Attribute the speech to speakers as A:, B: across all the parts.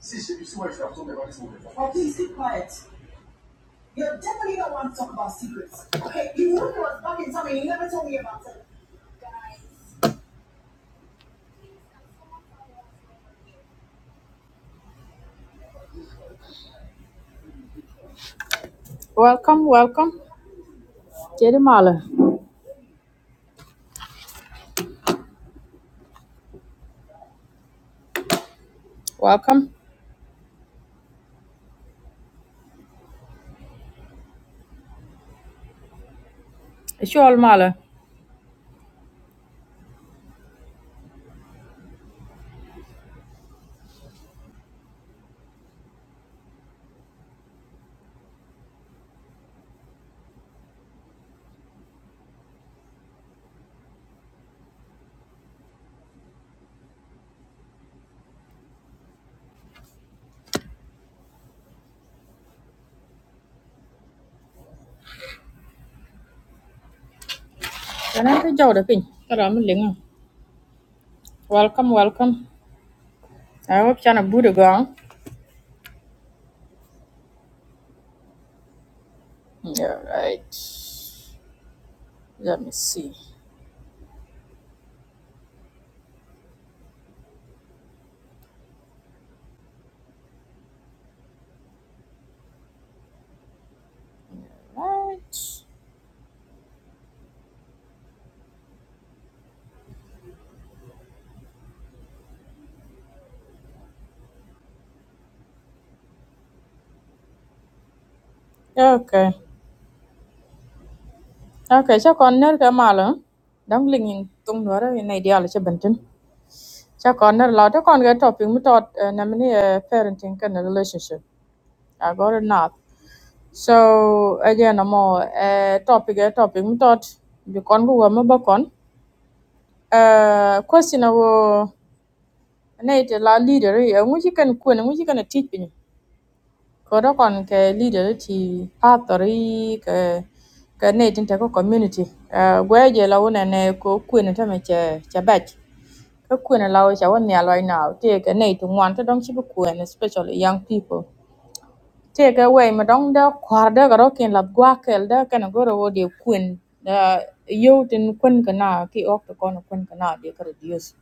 A: See, see, see what I'm talking about this morning. Oh, please keep quiet. You definitely don't want to talk about secrets. Okay, you were was fucking telling me, you never told me about it. Welcome, welcome. Jerry Mala. Welcome. It's you all Mala. Can I be Jawda Pin? Hello, Linga. Welcome, welcome. I hope you're not Buddha gone. All right. Let me see. Right. Okay. Okay, so con nerd ka mala. Dang lingin tung nuara in ideal cha bentin. Cha kon ner la ta kon ga topic mi tot eh, na mini eh, parenting kind of relationship. I got it now. So again amo eh, topic a topic mi tot bi kon gu wa ma ba kon. Eh, question a wo na ite la leader e ngu ji kan ku ngu ji kan teach bi ni. Ko da kon ke leader ti pastor i ke ke ne tin ta ko community. Eh, gwe je la wo ne ne ko ku ne ta me che che batch. Kakwene la which I want near right now. Take a night to want to don't chip a especially young people. Take away madong da quarda garokin la guakel da can go to the queen. The youth in queen cana, key off the corner queen cana, they could reduce.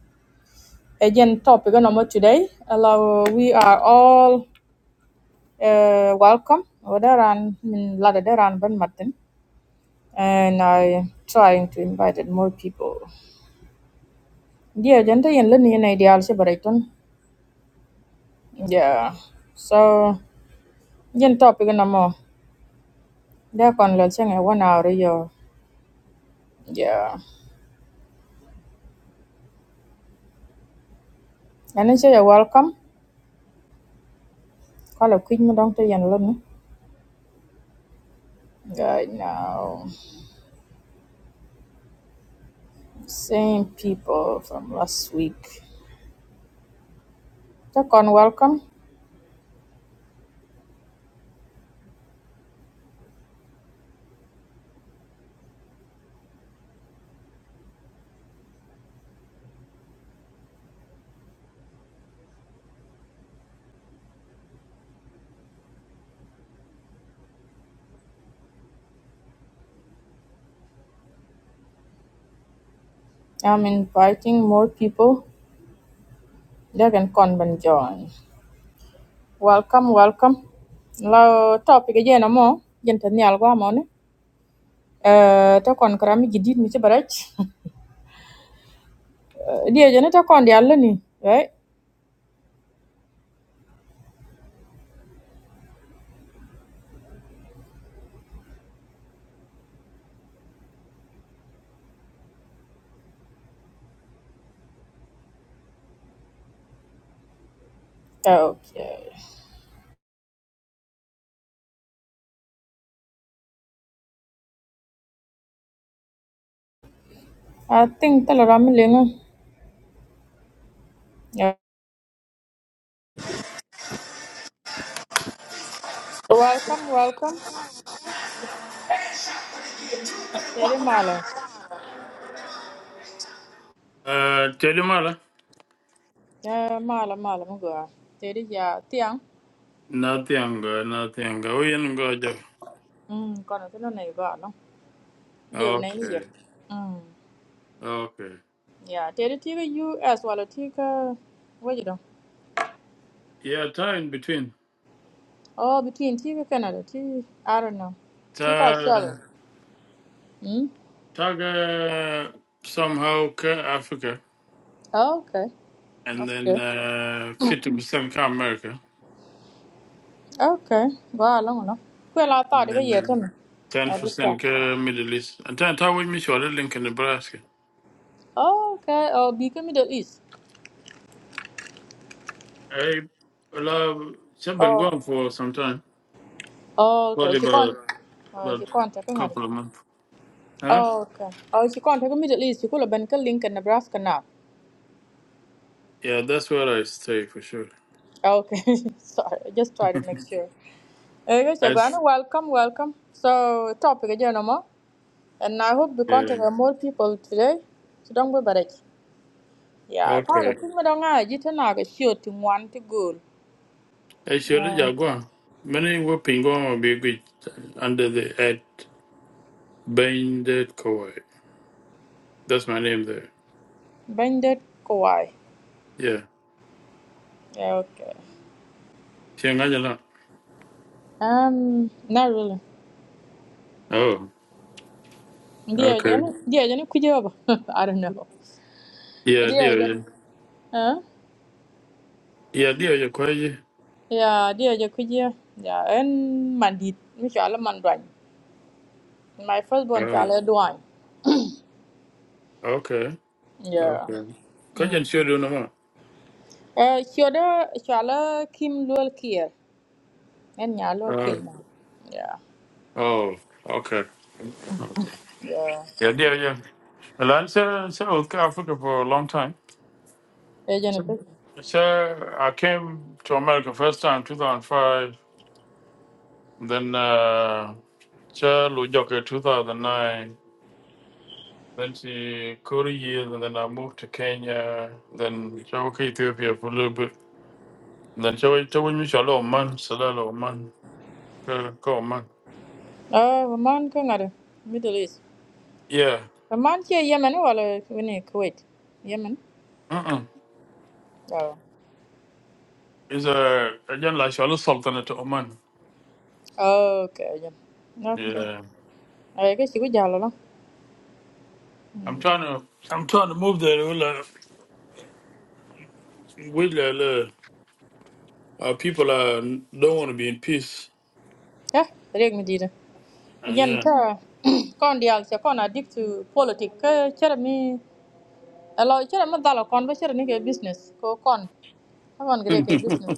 A: Again, topic number today. Allow we are all uh, welcome. Wadaran min ladadaran ban matin. And I trying to invite more people. Yeah, gender and learning ideals, but I Yeah. So Jen topic na mo. There can let you know one hour. yo. Yeah. And then you're welcome. Call a quick me down to you and Right now, same people from last week. They can welcome. I'm inviting more people. They can come and join. Welcome, welcome. Lao topic again no more. Jen to nyal gwa mo ne. Eh, ta kon kara mi gidit mi ci baraj. Eh, Dia jene ta kon dial ni, right? Okay. I think tell around me Welcome, welcome. Teri mala.
B: Uh, Chelimala.
A: Ya mala mala mo gua. Teri ya tiang.
B: Nothing good, nothing good. We ain't going there.
A: Hmm, kono tino nei gua no. Diu nei ye.
B: Okay,
A: Hmm.
B: okay.
A: Ya, teri tiga US wala tiga what you know?
B: Yeah, time between.
A: Oh, between tiga Canada, tiga I don't know. Tiga
B: Ta,
A: Australia. Hmm.
B: taga somehow ka Africa,
A: Oh, okay.
B: and then
A: Okay.
B: uh, 50% ka America,
A: Okay. Ba long no. Kue la ta
B: and
A: de ga ye
B: then
A: tem. I just saw.
B: 10% ka Middle East. And then ta with me short Lincoln, Nebraska.
A: Oh, okay. Oh, bika Middle East.
B: I love, I've been
A: Oh.
B: gone for some time,
A: Oh, okay.
B: probably
A: She con.
B: about,
A: Oh, she
B: about
A: con. Tapi ngadi.
B: couple of months. Huh?
A: Oh, okay. Oh, she can't take Middle East. She could have been to Lincoln, Nebraska now.
B: Yeah, that's where I stay for sure.
A: Oh, Okay, sorry. I just try to make sure. Okay,
B: I, s-
A: Shagwana, welcome, welcome. So, topic again, Oma. And I hope we contact
B: yeah.
A: more people today. So, don't be bad. Yeah, Carla,
B: Okay.
A: kung mo daw nga, jito na ka siyo ting one to goal.
B: Actually,
A: Um,
B: Jaguar, many were Pingon be good under the at Binded Koi. That's my name there.
A: Bandit Kawai.
B: Yeah.
A: Yeah, okay.
B: Shangajala.
A: Um, not really.
B: Oh,
A: Dia,
B: okay.
A: Jenny? Dia, Jenny, could you I don't know.
B: Yeah,
A: Dia,
B: dear.
A: Jenny?
B: Yeah,
A: Huh?
B: Yeah, dear, you're crazy.
A: Yeah, dia je kerja. Yeah, and mandi Mesti ala manduan. My first born
B: Oh,
A: chala duan.
B: okay.
A: Yeah.
B: Okay.
A: Mm.
B: Kajan sure do know.
A: Eh, shoda chala kim lol kier. En ya lol
B: Oh,
A: kier ma. Yeah.
B: oh, okay.
A: Yeah.
B: Yeah, dear, yeah. Well, I said, said with Africa for a long time.
A: Eh, Jennifer.
B: So I came to America first time 2005. Then. uh, Cha Lujoka 2009. Then she Korea years, and then I moved to Kenya. Then Chawaka Ethiopia for a little bit. Then Chawaka Mishala Oman, Salala Oman, Ka Ka Oman.
A: Ah, uh, man ka ngare. Middle East.
B: Yeah.
A: A man che Yemen wala wini Kuwait. Yemen.
B: Mm-mm.
A: Ya.
B: It's a again like Shala Sultanate to Oman.
A: Oh. Okay, Yemen. Okay.
B: Yeah.
A: Eh, ke siku jalo lah.
B: I'm trying to I'm trying to move there. Well, uh, With uh, uh, people uh, don't want to be in peace.
A: Eh, reg medida.
B: Uh,
A: Again,
B: yeah.
A: Tara, kon dial che kon addict to politics. Ke chere mi, alo chere mi dhalo kon ba chere ni ke business. Ko kon, kon gire ke business.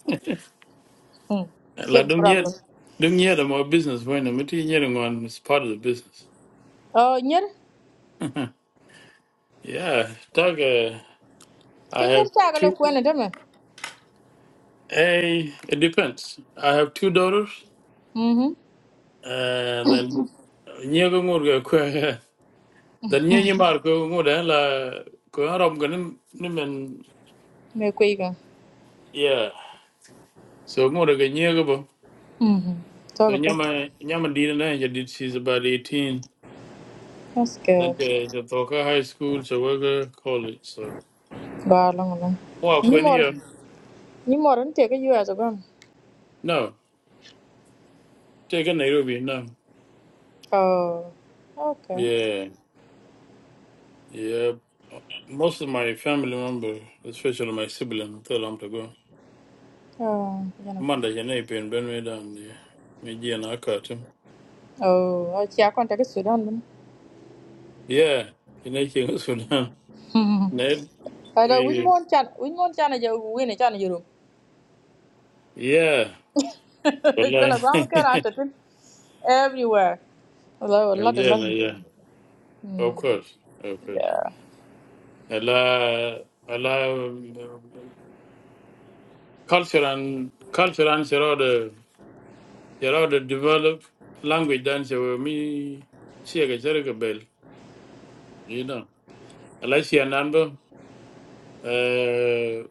A: Hmm,
B: Like
A: chere
B: don't yet
A: problem.
B: don't yet my business when I'm not yet on is part of the business.
A: Oh, nyer,
B: Yeah, Doug.
A: ke
B: I
A: nyer
B: have
A: chaga le
B: two.
A: kwen ede me.
B: Hey, it depends. I have two daughters,
A: Mhm,
B: and then nyaga ngurga kwa then nyanya mar ko ngurda la ko haram ganim nimen
A: me kwe ga.
B: yeah. So ngurga ga nyaga bo.
A: Mhm,
B: So
A: toga pe.
B: nyama nyama dina na ya did she's about 18.
A: That's
B: Then
A: good.
B: the the Thoka High School, so we're college. So
A: Ba long long.
B: more
A: Ni
B: kweni
A: mor,
B: ya
A: ni mor nte ke US agam.
B: no take a Nairobi no
A: Oh, okay.
B: yeah yeah. Most of my family member, especially my sibling, tell them to go.
A: Oh, jana.
B: Manda jene ipen ben me dan de. Me jie na akatim.
A: Oh, chia kon te ke Sudan.
B: Yeah, jene ching Sudan.
A: dun
B: Ned,
A: Hello, which
B: we,
A: one chan? Which one chan is your win? Chan is your
B: yeah,
A: Tell
B: wallahi.
A: us, I'm care entertain everywhere. Hello, a
B: Yeah,
A: lot of
B: yeah, yeah.
A: language. Hmm.
B: Of course, of course.
A: Yeah,
B: Ela, ela, um, culture and, culture and sherode, sherode develop language dan se we mi siaga sherega bel, you know. Ela si anambo, uh,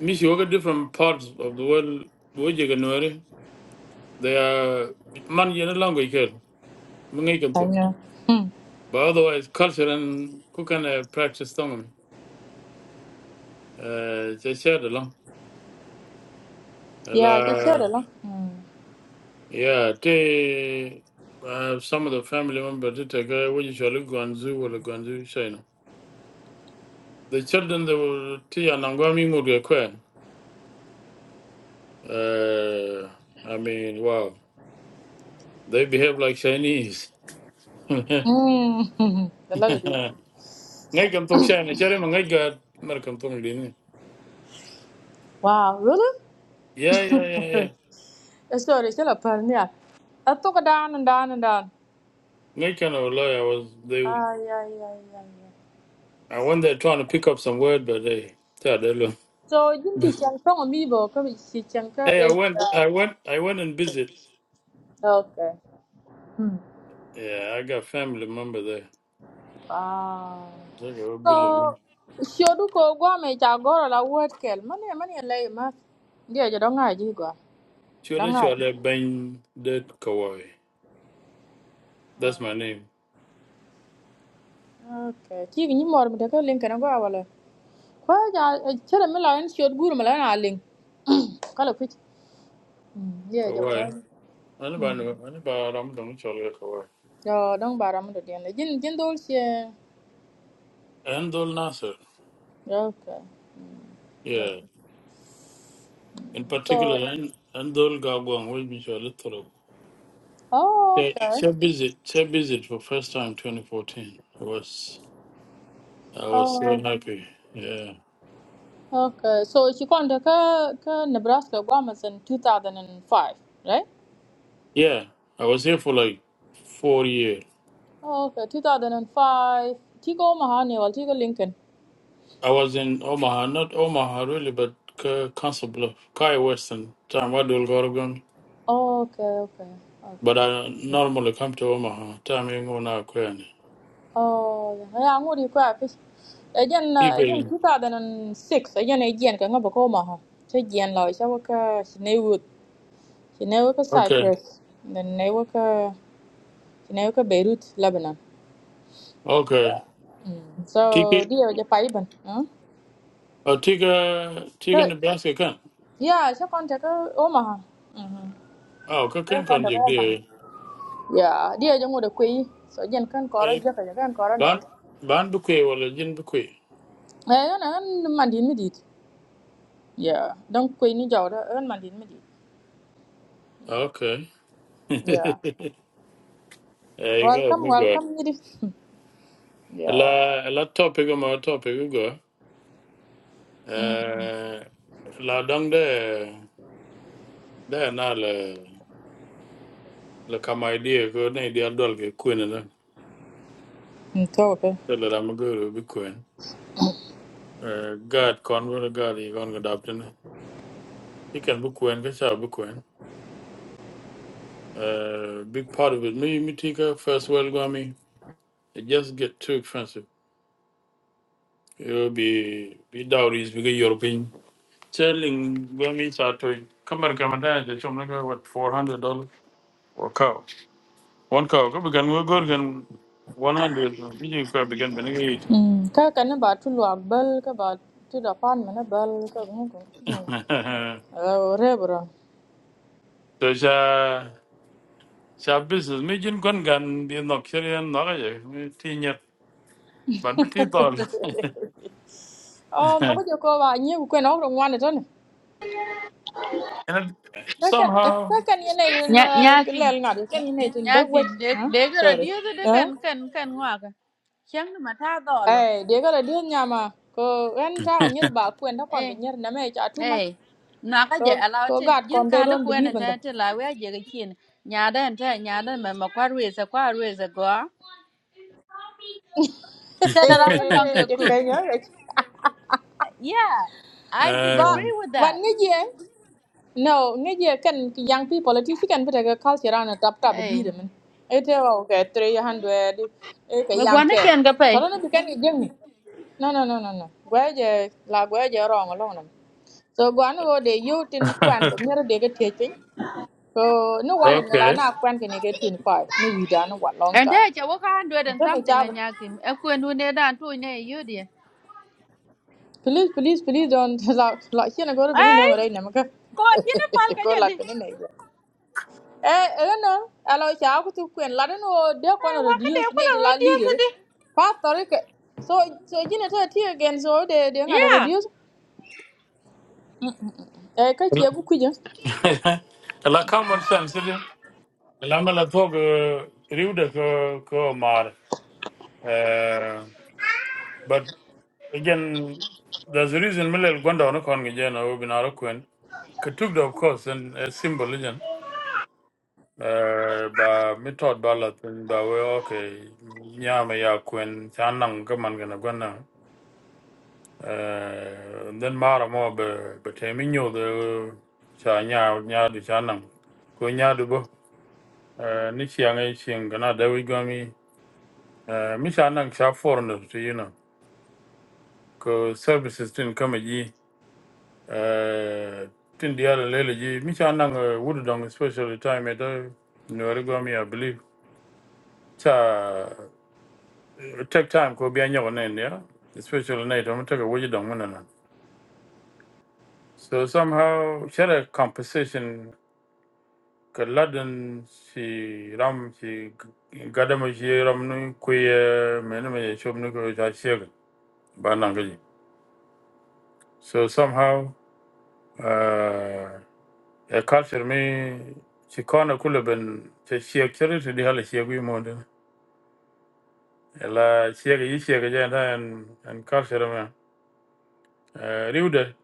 B: mi si woga different parts of the world, wojiga nuari. they are man you no longer here mungi can
A: I
B: cook
A: know. Hmm.
B: but otherwise culture and cook and uh, practice tongue, uh they shared along
A: Yeah, she said
B: la
A: a lot. Hmm.
B: yeah they uh, some of the family members did take uh, what you shall look on or look on china the children they were tea and angwami would require uh i mean wow they behave like chinese ngai
A: Hmm. A lot of
B: kam tok china chare mangai ga mar kam tok
A: Wow, really?
B: yeah yeah yeah yeah.
A: Eh, Sorry, tell us, Parnia. I took it down and down and down.
B: They kind of lie. I was they.
A: Ah, yeah, yeah, yeah, yeah.
B: I went there trying to pick up some word, but hey, yeah, they look.
A: So, you can see Chang Tong Amiibo, come see Chang Tong
B: Hey, I went,
A: Asia.
B: I went, I went and visit.
A: Okay. Ừ.
B: Yeah, I got family member there.
A: Ah.
B: So I go be
A: So,
B: alone.
A: shodu ko go me cha goro la word kel. Mani mani le ma. Dia je dong aji go.
B: Chole
A: Dong ai,
B: chole ben de Kawai. That's my name.
A: Okay. Ki ni mor me ka link na go wala. Ko ja chere me la en shod gur me la na link. Kala kuch. Dia je
B: Kawai.
A: ko.
B: Anybody know? Anybody? I'm doing chole Kawai.
A: Yo dong bara me de ne. Jin jin dol she.
B: Andol Nasser.
A: Okay. Yeah.
B: Yeah. In
A: So,
B: particular, An- Andol Gagwang will be chole Toro.
A: oh
B: Yeah,
A: okay.
B: she visit. She visit for first time 2014. I was, I was so
A: Oh.
B: happy. Yeah.
A: Okay, so she called ka ka Nebraska Guamas in 2005, right?
B: Yeah, I was here for like four years.
A: Okay, 2005. Tigo Mahani or Tigo Lincoln.
B: I was in Omaha, not Omaha really, but Ca- Council Bluff, Kai Western. Time I do Gorgon,
A: Okay, okay, okay.
B: but I normally come to Omaha. Time you go now, Kwan.
A: Oh, yeah, yeah, I'm going to Again, uh, again,
B: Ipe.
A: 2006. Again, again, kanga bako maha. So again, la isha waka Shinewood, Shinewood
B: Okay,
A: Cyprus, then Shinewood, Shinewood Beirut, Lebanon.
B: okay.
A: So,
B: Tiki,
A: dear, the Paiban, huh?
B: oh Tika, Tika
A: So,
B: Nebraska kan.
A: yeah, she contact uh, Omaha.
B: Oh,
A: Thế
B: kakan
A: con
B: kon
A: được
B: jek
A: ôm bằng
B: dia.
A: dạ đi ở trong ngồi được quỳ sợ dân con có rồi
B: Eh,
A: giờ phải dân có rồi nè ấy
B: ban, ban bukui wala jin bukui.
A: nó nó mà đến mới đi dạ đông quỳ như giàu đó ơn
B: Okay.
A: dạ
B: Eh, go,
A: welcome
B: me go.
A: welcome như đi dạ
B: Ala, ala topic, ma topic, go.
A: ừ
B: Eh, la dang de de na le le kama idea go ne idea dol ke queen na
A: ừ, thôi ok
B: de le ram go be queen eh god con go god he gon go adopt ne he can be queen ke cha be queen eh big part of it me me tika first world go me it just get too expensive it will be be dowries because european selling go me cha to kamar kamada de chom na what 400 dollars or cow One cow, go begin go go again. One hundred. You can begin begin eighty.
A: ừ cái cái nó bảo tôi lo bel cái bảo tôi đã phán mà nó bel cái cũng ờ rồi bro
B: So sha sha business. Me jin kon gan di nok seri an nok aje. Me ti nyet. Ban me ti tol.
A: ờ mà bây giờ cô bà nhiều quên ông rồi ngoan được rồi nè
B: And it-
A: cái cái cái
B: somehow.
A: cái này
C: Nya
A: là cái
C: nyakim
A: lèn ngã cái này thì đâu vậy
C: nyakim de
A: hả
C: de gero
A: sorry
C: diogo de kan
A: ha
C: kan kan waga kyang ma ta dolo
A: Ê, đĩa cái là đứa nhà mà cô ăn ta ở như bà quên đó còn cái
C: eh
A: như nãy mày chả thu mắt
C: eh na ka je
A: cô cô
C: alawatin
A: gạt
C: jin
A: còn they
C: ka ni
A: don't
C: kuwa nan
A: believe in that
C: ta ta la wa je ga kin nya dan ta nya dan ma ma kwarwe sa kwarwe sa go ta da ran fa luwan ka
A: chắc
C: cook
A: cái nhớ rồi
C: yeah i
A: và
C: disagree
B: Um,
C: with
A: và
C: that
A: nghe gì ấy? no nghe gì ấy, cần cái young people thì chỉ cần phải cái culture ra nó tap tap đi
C: eh
A: rồi mình ấy thế vào cái three hundred ấy cái
C: ma
A: young
C: gwana
A: girl
C: ken ga pai
A: thôi nó bị cái gì chứ? No, no, no, no, no. quê giờ, là Gwaje, la gwaje wrong alone. So gwan wo để yêu tin quan cái to nyar de ga te So no wala ni la
B: okay.
A: na kwan ke ne ke five ni we done a long
C: and ta
A: time.
C: ce wa ka handu
A: And
C: dan
A: tell me
C: something a
A: job.
C: nyakim e ku nu ne dan to ne yudi
A: Please please please don't la la here na go be no
C: ai
A: ngai na maka.
C: ko ina pal ka
A: Ko la
C: jadi
A: ke ne. Eh eh no alo cha ku tu kwen la no de ko no
C: Wa ka da
A: reduce ne
C: kula
A: de la
C: rodiya su
A: leader.
C: di.
A: Pa tore ke so so jine to ti again so de de ngada
C: Yeah.
A: reduce. Eh ka ti ku kuja.
B: La common sense. is it? La me la tog riude ko ko mar. Eh, But Again, there's a reason Millel Gwanda on Kon Gijana Ubinara Queen. Katugda, of course, and a symbol, again. Uh, ba mitod balat and ba we okay nyama ya kwen chanang to gana gana uh, then mara mo be be temi nyo de cha nya nya di chanang ko nya du bo uh, ni chiang e chiang gana de we gami uh, mi chanang cha foreigner to you know ko services tin kama Eh, Tin diallo lele ji mi cha nang eh, dong especially time at nyori gomi I believe cha eh, take time ko biya nyago nen ya especially night I'm take wudu dong mena na so somehow she had a composition ka ladan she ram she gadama she ram nu ku ye mena me shob nu ko cha she ba nang ji so somehow uh, a culture me ci kono kulo ben ci ci ci ci di hala ci wi mo de la ci ga ci ga ja ta en culture me riude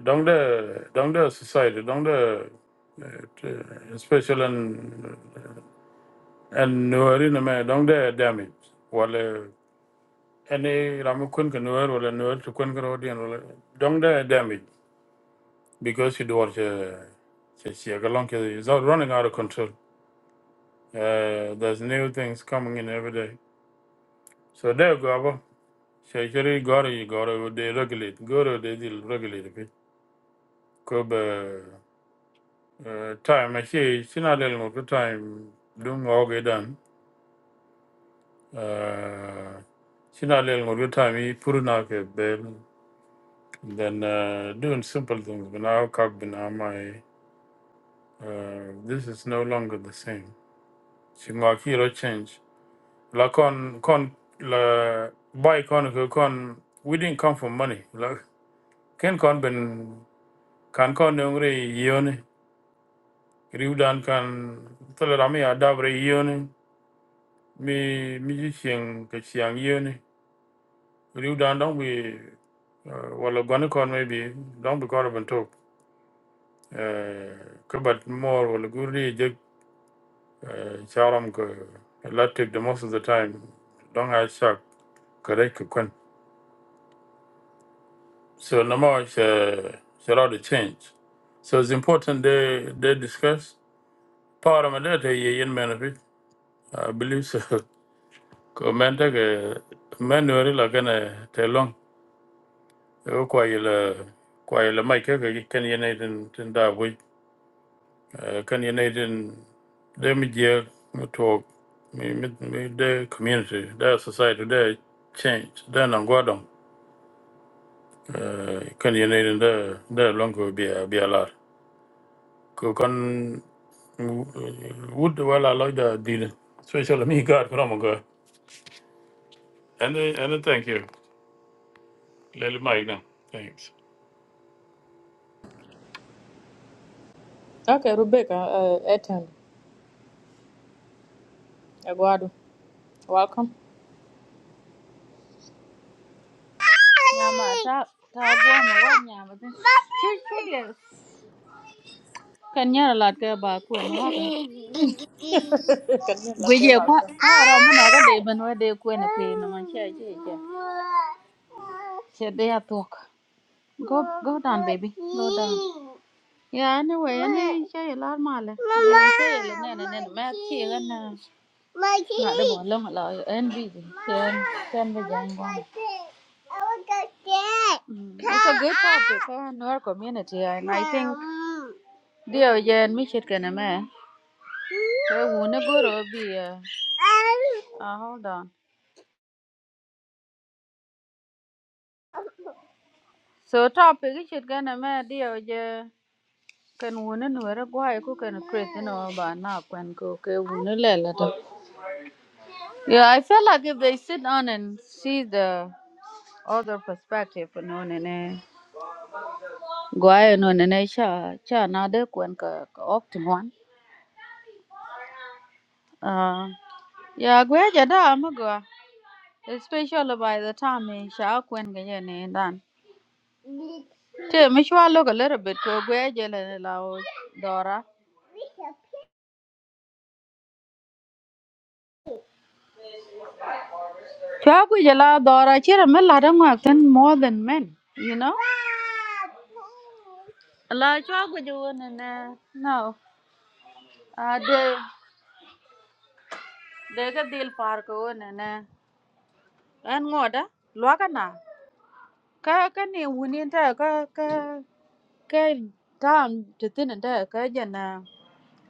B: dong de dong de society dong de special and and nuori na me dong de damage wala any ramu kun ka nuori wala nuori to kun ka rodien wala dong de damage because you do what It's, yeah, Galanka is out running out of control. Uh, there's new things coming in every day. So there go abo. ba. Shekeri gori gori they regulate. Goro they will regulate it. Kobe uh, time actually sina del mo time dung oge dan. Uh, sina del mo time i puruna ke bel. Then uh, doing simple things. But now kag bina my uh, this is no longer the same. Shingakiro change. La con con la buy con con we didn't come for money. Like ken con ben kan ko nongre yone riudan kan tolerami adabre yone mi mi ji chieng ke chiang yone riudan dong bi uh, wala gwan kon maybe dong bi korban tok uh, kabat more wala guri je uh, charam ko latik the most of the time dong ha shak correct kon so namo uh, shall the change so it's important they they discuss part of my data ye yen benefit i believe so ko men te ke men nuri la kene te long ko kwa yi la kwa yi la mai ke ke ken yi nei tin tin da bui Eh, ken yi de mi je to mi mi mi de community de society de change de na gwadon Eh, ken yi nei tin long ko bi a bi a lar ko kon wood wala la da di Special, especially me god from god and eh, and eh, thank you lele mai na thanks
A: Okay Rebecca eh eten. Eduardo welcome.
C: Nyama ta ta biya ma wa nyama ta. Chul chul kan nyara lat ka ba ku na wa ka.
A: Kan ni la te
C: Gwaje
A: ba.
C: kwa kwara muna ga da ban wa da ku na kai na man sha je je. Sai da ya to. Go go down, baby. Go down. Yeah, anyway, anyway, chơi ở lát mà là. Mama. Chơi ở nè nè nè, mẹ chị gần nè. Ngã đó bỏ lông lại, em bị gì? Xem, xem bây giờ anh qua. Mm, It's a good topic for our community, and I think dear Jen, me shit can a man. We wanna go to be uh, hold on. So topic is shit can a man, dear yeah. Kan wuni ni were gwai ku can create no, know by now when go okay wuni lele to. Yeah, I feel like if they sit down and see the other perspective, no, know, nene gwai no nene cha cha na de kwen ka ka optim one. Uh, yeah, gwai jada ama gwa. Especially by the time in sha kwen ganyan ne dan. Te mishwa look a little bit ko gwai jele la dora. Chwagu la dora chira men la dang wa ten more than men, you know? La chwagu ju wona na no. A de de ga dil par ko wona na. An ngoda lwa ka na. Ka ka ni wuni ta ka ka ka tam te tin ta ka jana.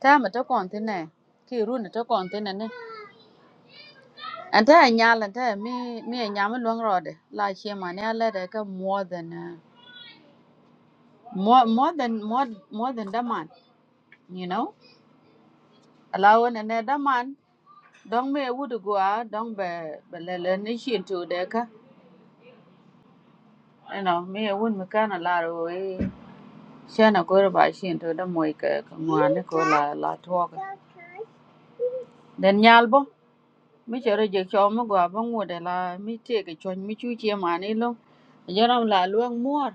C: Ta ma ta kon tin ne. Ki ru na ta kon tin ne. An ta nya la ta mi mi e nya ma lwang ro de. La chi ma ne la de ka more than uh, more more than more more than da man. you know alawan ne da man don me wudu gwa don be belele ni shin to de ka you know me wun me kana la ro e shana go ba shin to da moy ka ka ngwane ko la la to ka den nyalbo mi chere je cho mo gwa bo ngode la mi te ke chon mi chu che mani lo jaram la luang muor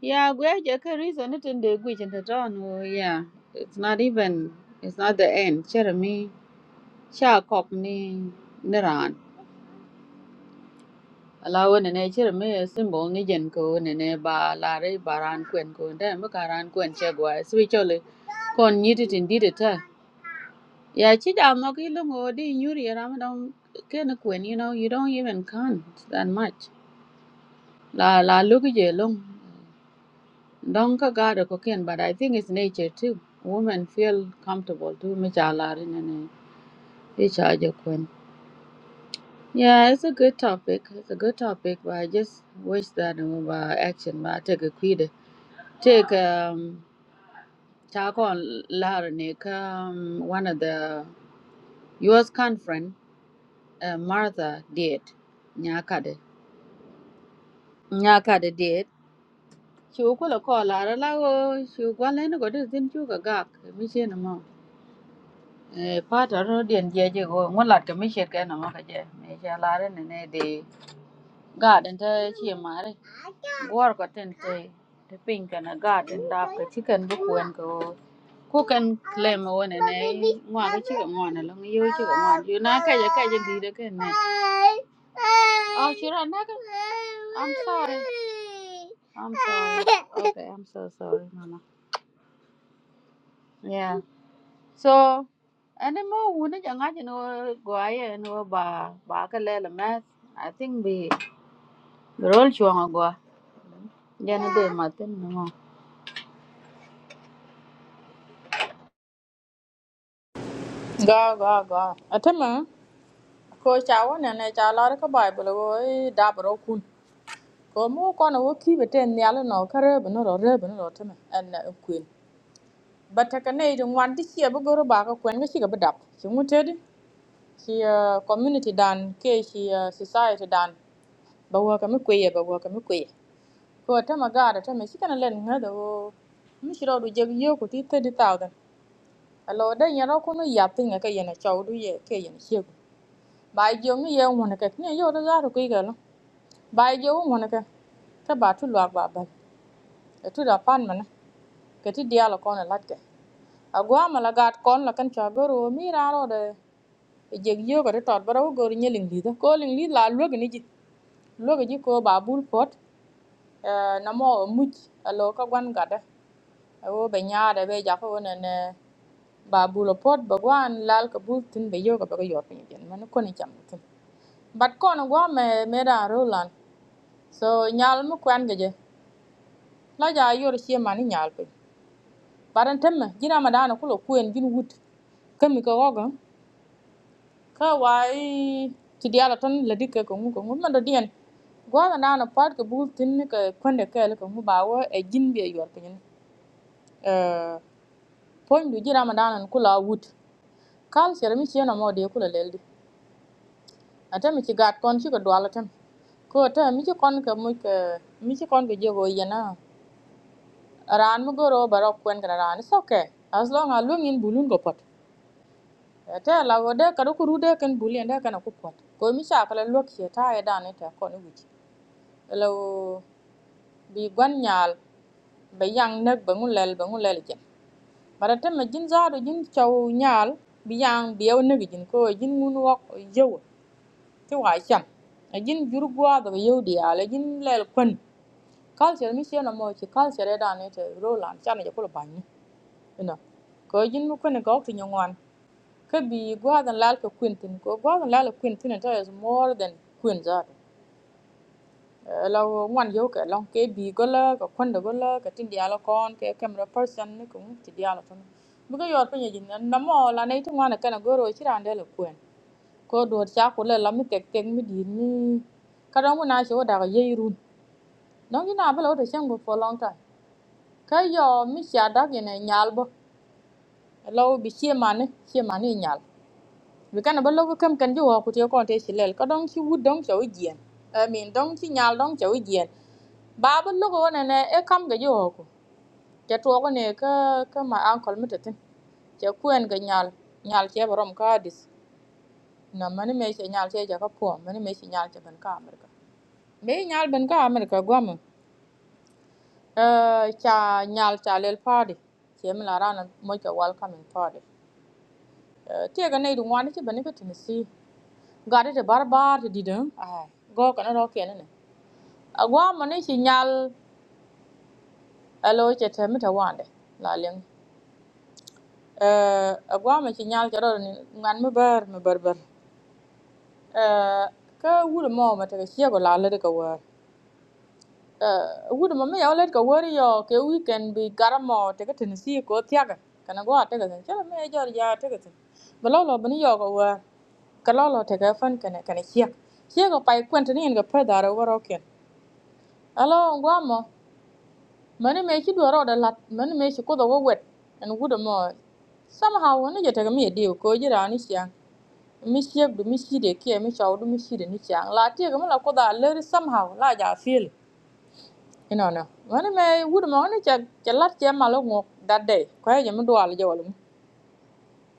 C: yeah gwe je ka reason it in de gwe chen ta don wo yeah it's not even it's not the end chere mi cha kop ni niran la wene ne chir me symbol ni jen ko wene ne ba la re ba ran kwen ko nda me ka ran kwen che gwa swi chole kon nyiti tin di de ta ya chi da no ki lu ngo di nyuri ra ma dong ke na kwen you know you don't even count that much la la lu ki je long dong ka ga de ko ken but i think it's nature too women feel comfortable too me cha la re ne ne e cha je kwen Yeah, it's a good topic. It's a good topic, but I just wish that uh, action, but I take a quid. Take um, Chakon Larnik, um, one of the U.S. conference, uh, Martha did. Nyakade. Nyakade did. She will call a call, Lara Lago, she will go and go to Zin Chuka Gak, Mission Mo. Part of Rodian Jago, one like a Mission Ganamaka, Mission Laren and Eddie. garden ta ce mare war ko ten te te pin kana garden da ka chicken bu kuen ko ku kan claim wona ne ngwa ka chi ka ngwa la ngi yo chi ka ngwa yo na ka ya ka ya di de ken ne oh chira na ka i'm sorry i'm sorry okay i'm so sorry mama yeah so and mo wona ja nga no go ay no ba ba ka le la ma i think be rol chuang go याने दे माते ना वह
A: Go go go. Atema. ko chawan ne ne cha lor ka bible wo i dabro kun ko mu ko no wo ki bete nyal no kare no ro re no ro teme en na kuin bata ka ne de ngwan ti che bu goro ba ka kwen ga shi ga badap shi mu tedi shi eh, community dan ke shi eh, society dan ba wo ka mi kwe ba wo ka mi kwe ko tama gara tama shi kana len ngada wo mi shi ro du jeg yo ko ti thirty thousand, alo da nyaro ko no yapinga ka yana chawdu ye ke yana shegu ba jongi ye wona ka ne yo da zaru ku ga lo. Ba je wo ŋwana ka ta ba tu lwa ba bal. E tu da pan mana ke ti dia la kon e lat ke. A gwa ma la gat kon la kan cha goro mi ra ro de e je yo ga de tot ba ro goro nye ling li da. Ko ling li la lwa ni ji. Lwa ji ko ba bul pot e na mo e muj a lo ka gwan ga da. E wo be nya da be ja ko ne ne ba bul pot ba gwan lal ka bul tin be yo ga ba ga yo pe ni jen man ko ni cham tin. Bat ko na gwa me me ra ro lan. So nyal mu kwan ge je. la ja yor shi man nyal pe baran temme jina madana kulo kuen jin wut kemi ko gogo ka wai ti diala ton la dikke ko ngu ko ngu man do dien gwa na nana pat ko bul tin ka konde ka le ko ngu bawo e jin be yor pe nyen eh pon du jina madana kulo wut kal sere mi chena mo de kulo leldi ata mi ci gat kon ci ko dwala tem ko ta mi ci kon ka mu ka mi ci kon ka jego yana ran mu goro barok kwen kana ran it's okay as long as lung in bulun go pot te la go de kadu kuru de ken bulin de kana ku pot ko mi cha kala lok che ta e dan ita ko ni wich lo bi gwan nyal be yang nek be ngun lel be ngun lel jen bara te me jin za do jin chaw nyal bi yang bi ew nek jin ko e jin ngun wok yew ti wa chan a jin jur gwa do yew di ala jin lel kwen culture mi che na mo chi culture e dan ita roland chan je ko ban ni ina ko jin mu kune go to nyon kabi gwadan lal ka kwintin ko gwadan lal ka kwintin ta is more than kwin zato la wan yo ka long ke bi gola ka kwanda gola ka tin dialo kon ke camera person ni ko ti dialo ton buga yor penya jin na mo la nei tu wana kana goro chirande le kwen ko do cha ko le la mi tek tek mi di ni ka do mo na cho da ga ye run no ni na belo to chango for long time ka yo mi cha da ge ne nyal bo lo bi che mane che mane nyal mi kana ba logo kam kan jo ko te ko te chilel ka dong chi wud dong chawi jien i mean dong chi nyal dong chawi jien ba ba logo wona ne e kam ga jo ko te to ko ne ka ka ma ankol mitatin te kuen ga nyal nyal che borom ka dis na mani me che nyal che ja ka po mani me che nyal che ban ka amerika me nyal ban ka amerika gwam eh cha nyal cha lel party che mi la rana mo cha welcoming party Eh, te ga ne du ngwan che ban ka tinisi gadi ti barbar ti didin ai go kana ro kene ne agwa mani shi nyal alo che te mi te wande la ling eh agwa ma shi nyal jaro ni ngan mi ber mi ber ber eh ka wul mo ma te shi go la le ka war eh wul mo me ya le ka war yo ke weekend bi garamo te ka tin si ko tiaga kana go te ka chen chala me jor ya te ka tin ba lo lo bani yo go war ka lo lo te ka fan kana kana shi shi go pai kwanta ni en ga pa da ro ro ken Alo, Guamo. Mani me ki duwara da lat, mani me ki kudo wet, and wuda mo. Somehow, wani jata ga mi deal ko jira ni siang. Mi siak du mi si de kia, mi chau du mi si de ni siang. La tia ga mala kuda leri somehow, la ja feel. You know no. Mani me wuda mo ni cha cha lat cha malo ngok that day. Kwa ya mi duwala ja wala mu.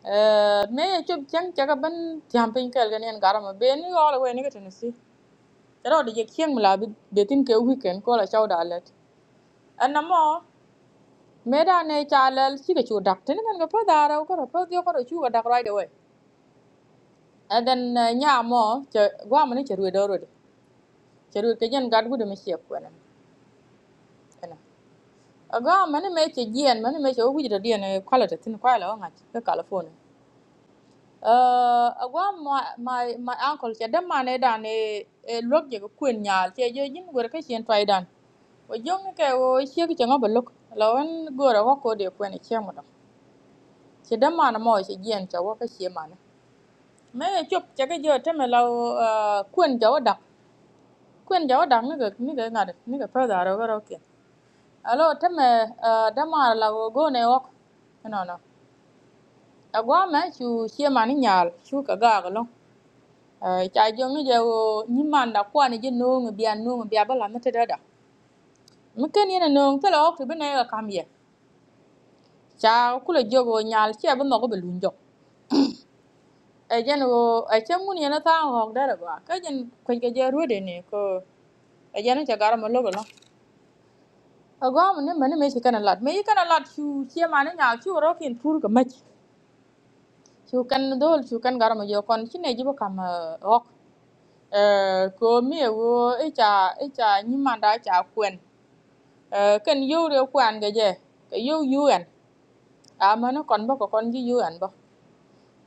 A: Eh, me ya chub chang cha ga ban tiam pin kel ga nien garama be ni wala we ni ga tenisi. Charo de ye kieng mala be tin ke weekend ko la chau da let. And no more. Meda ne chalal chika chu dak tin kan ga pa dara ko ro pa dio ko ro chu ga dak right away. And then uh, nya mo che gwa mani che ruwe doro de. Che ruwe ke jen gad gudu me she ko na. Ena. A gwa mani me che jien mani me che ugu jida dien e quality tin kwa la nga ke California. Uh, a gwa my my my uncle che dem mane dan e e lok je ko kwen nyal che je jin gore ke chen twa dan. O jong ke o che ke ngo balok. Lawan gore ko ko de kwen che mo do. Che dem mane mo che jien cha wo ke che mane. Mấy chụp cho cái giờ thế mà lâu quên cháu đọc quên cháu đọc nó cái nó cái ngà được nó cái phơi đó rồi rồi kìa alo thế mà đã mà là go này ok no no à quá mà chú chia mà nó nhal chú cả gà cái luôn chạy giống như giờ nhưng mà đã qua này chứ nương người bia nương người bia bao làm nó thế đó đó mấy cái này là nương thế là ok thì bên này là cam gì chả cũng là giờ go nhal chia bên nó có bị lún chọc ejen wo echen mun yana ta hok dara ba kajen kun ke je rude ne ko ejen ta gar ma logo lo agwa mun ne mani me shi kana lat me yi kana lat shu che ma ne nya shu ro kin tur ga mach shu kan dol shu kan gar ma yo kon shi ne jibo kam eh, hok Eh, ko mi wo e cha e cha ni ma da cha kwen Eh, ken yo re kwan ga je ka yo yuen a ma ne kon ba ko kon ji yuen ba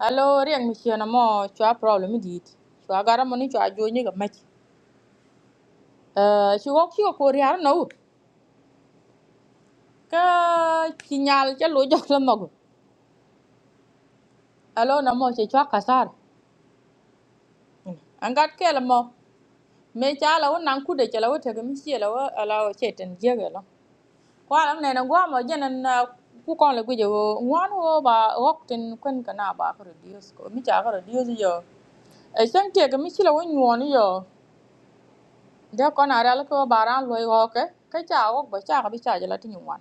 A: alo riang mi shi na mo chwa problem dit chwa gar ma ni chwa jo ni ga mach ci wok ci ko riar na wut ka ci nyal ca lu jox la magu alo na mo ci chwa kasar angat ke la mo me cha la won nan kude cha la wote mi ci la wa ala wo cheten jege la ko alam ne na gwa mo jenen na giờ kon le guje wo ngwan wo ba wok tin kun kana điều gì radios ko mi cha điều gì, yo e san ke ga mi ci la won nyon giờ de ko na ra là cái bà ra lo yo cái, cái cha wok ba cha ka bi cha la tin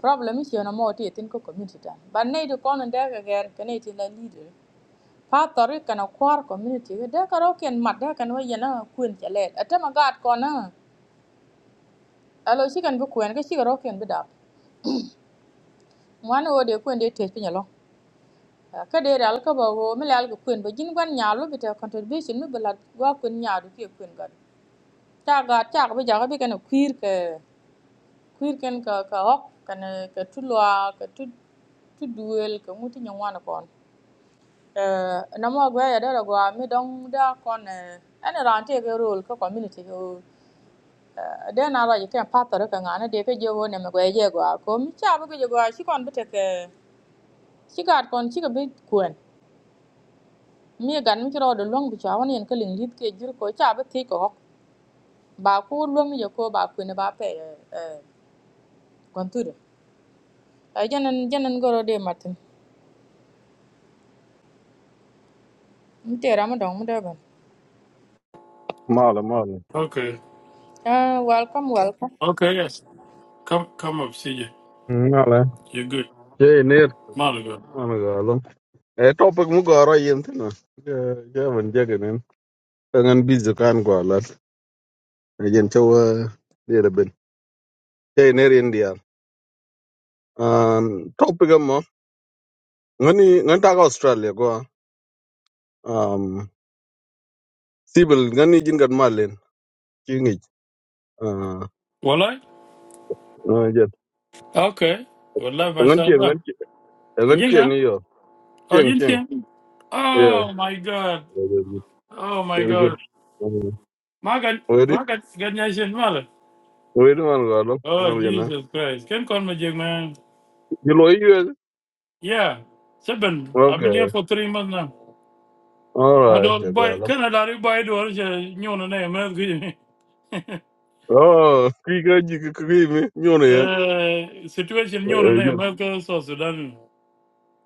A: Problem is yana mo ti tin ko community ta. Ban n e du kon de ga ger ka nei t i la leader. Pa tori kana kwar community de ka roken mat de kan wa yana k u n chale. Ata ma gat kona. Alo shi kan bu kuen ga shi roken bu dap. Mwan o de k u n de te pin lo. Ka de dal ka ba wo mi lal ga k u n ba jin gwan nya lu bi ta contribution mi bala wa k u n nya du ke k u n ga. Ta ga ta ga bi ja ga bi kana kwir ka kwir ken ka ka o k kana ka tulwa ka tu tu duel ka muti nya wana kon. Eh, na mo gwe ya dera gwa mi don da kon eh, ene ran te ke role ko community ko eh, de na ra yiten patare ka ngana de ke je wo ne me gwe je gwa ko mi cha bu ke je gwa shi kon bete ke shi gat kon shi ke bi kwen mi e gan mi ro de long bi cha won yen ke ling lit ke jur ko cha bu ti ko ba ku lo mi je ko ba ku ne ba pe eh eh, kon tu de jenen jenen goro de matin mi te ra mo don mo de ban
D: Mala, mala.
B: okay
A: ah welcome welcome
B: okay yes Come, come up, CJ.
D: Mala.
B: You're good.
D: Jay, near.
B: Malaga.
D: Managalo. eh topic mugara yentina. Gavin Jaganin. Tangan Bizukan Gwalat. Again, Chowa. Dear Ben. Jay, near India. Um, topic amma. Ngani, ngantaka Australia go. Um, Sibyl, ngani jingat malin. Chingi.
B: Walai?
D: ah yeah.
B: Okay. Walai,
D: Ngan chieng,
B: mashallah.
D: ngan chieng. Ngan chieng
B: Jinga?
D: iyo.
B: Oh,
D: Chieng, chieng.
B: Jintia?
D: Yeah.
B: Oh, my God.
D: Very good.
B: Oh, my
D: Very good.
B: God. Magan,
D: Wedi?
B: Magan, Ganyashin Mala.
D: Wedi man galo.
B: Oh,
D: Ngal yana.
B: Jesus Christ. Can call me Jig, man.
D: Gilo iyo.
B: Yeah. Seven. I've been here for three months now.
D: All
B: I
D: right,
B: don't buy,
D: Jagala.
B: can I let you buy the original name? man?
D: Oh, kiga jiki kimi nyone ya.
B: Uh, Situation, you know,
D: Eh,
B: name,
D: eh,
B: man, so Sudan.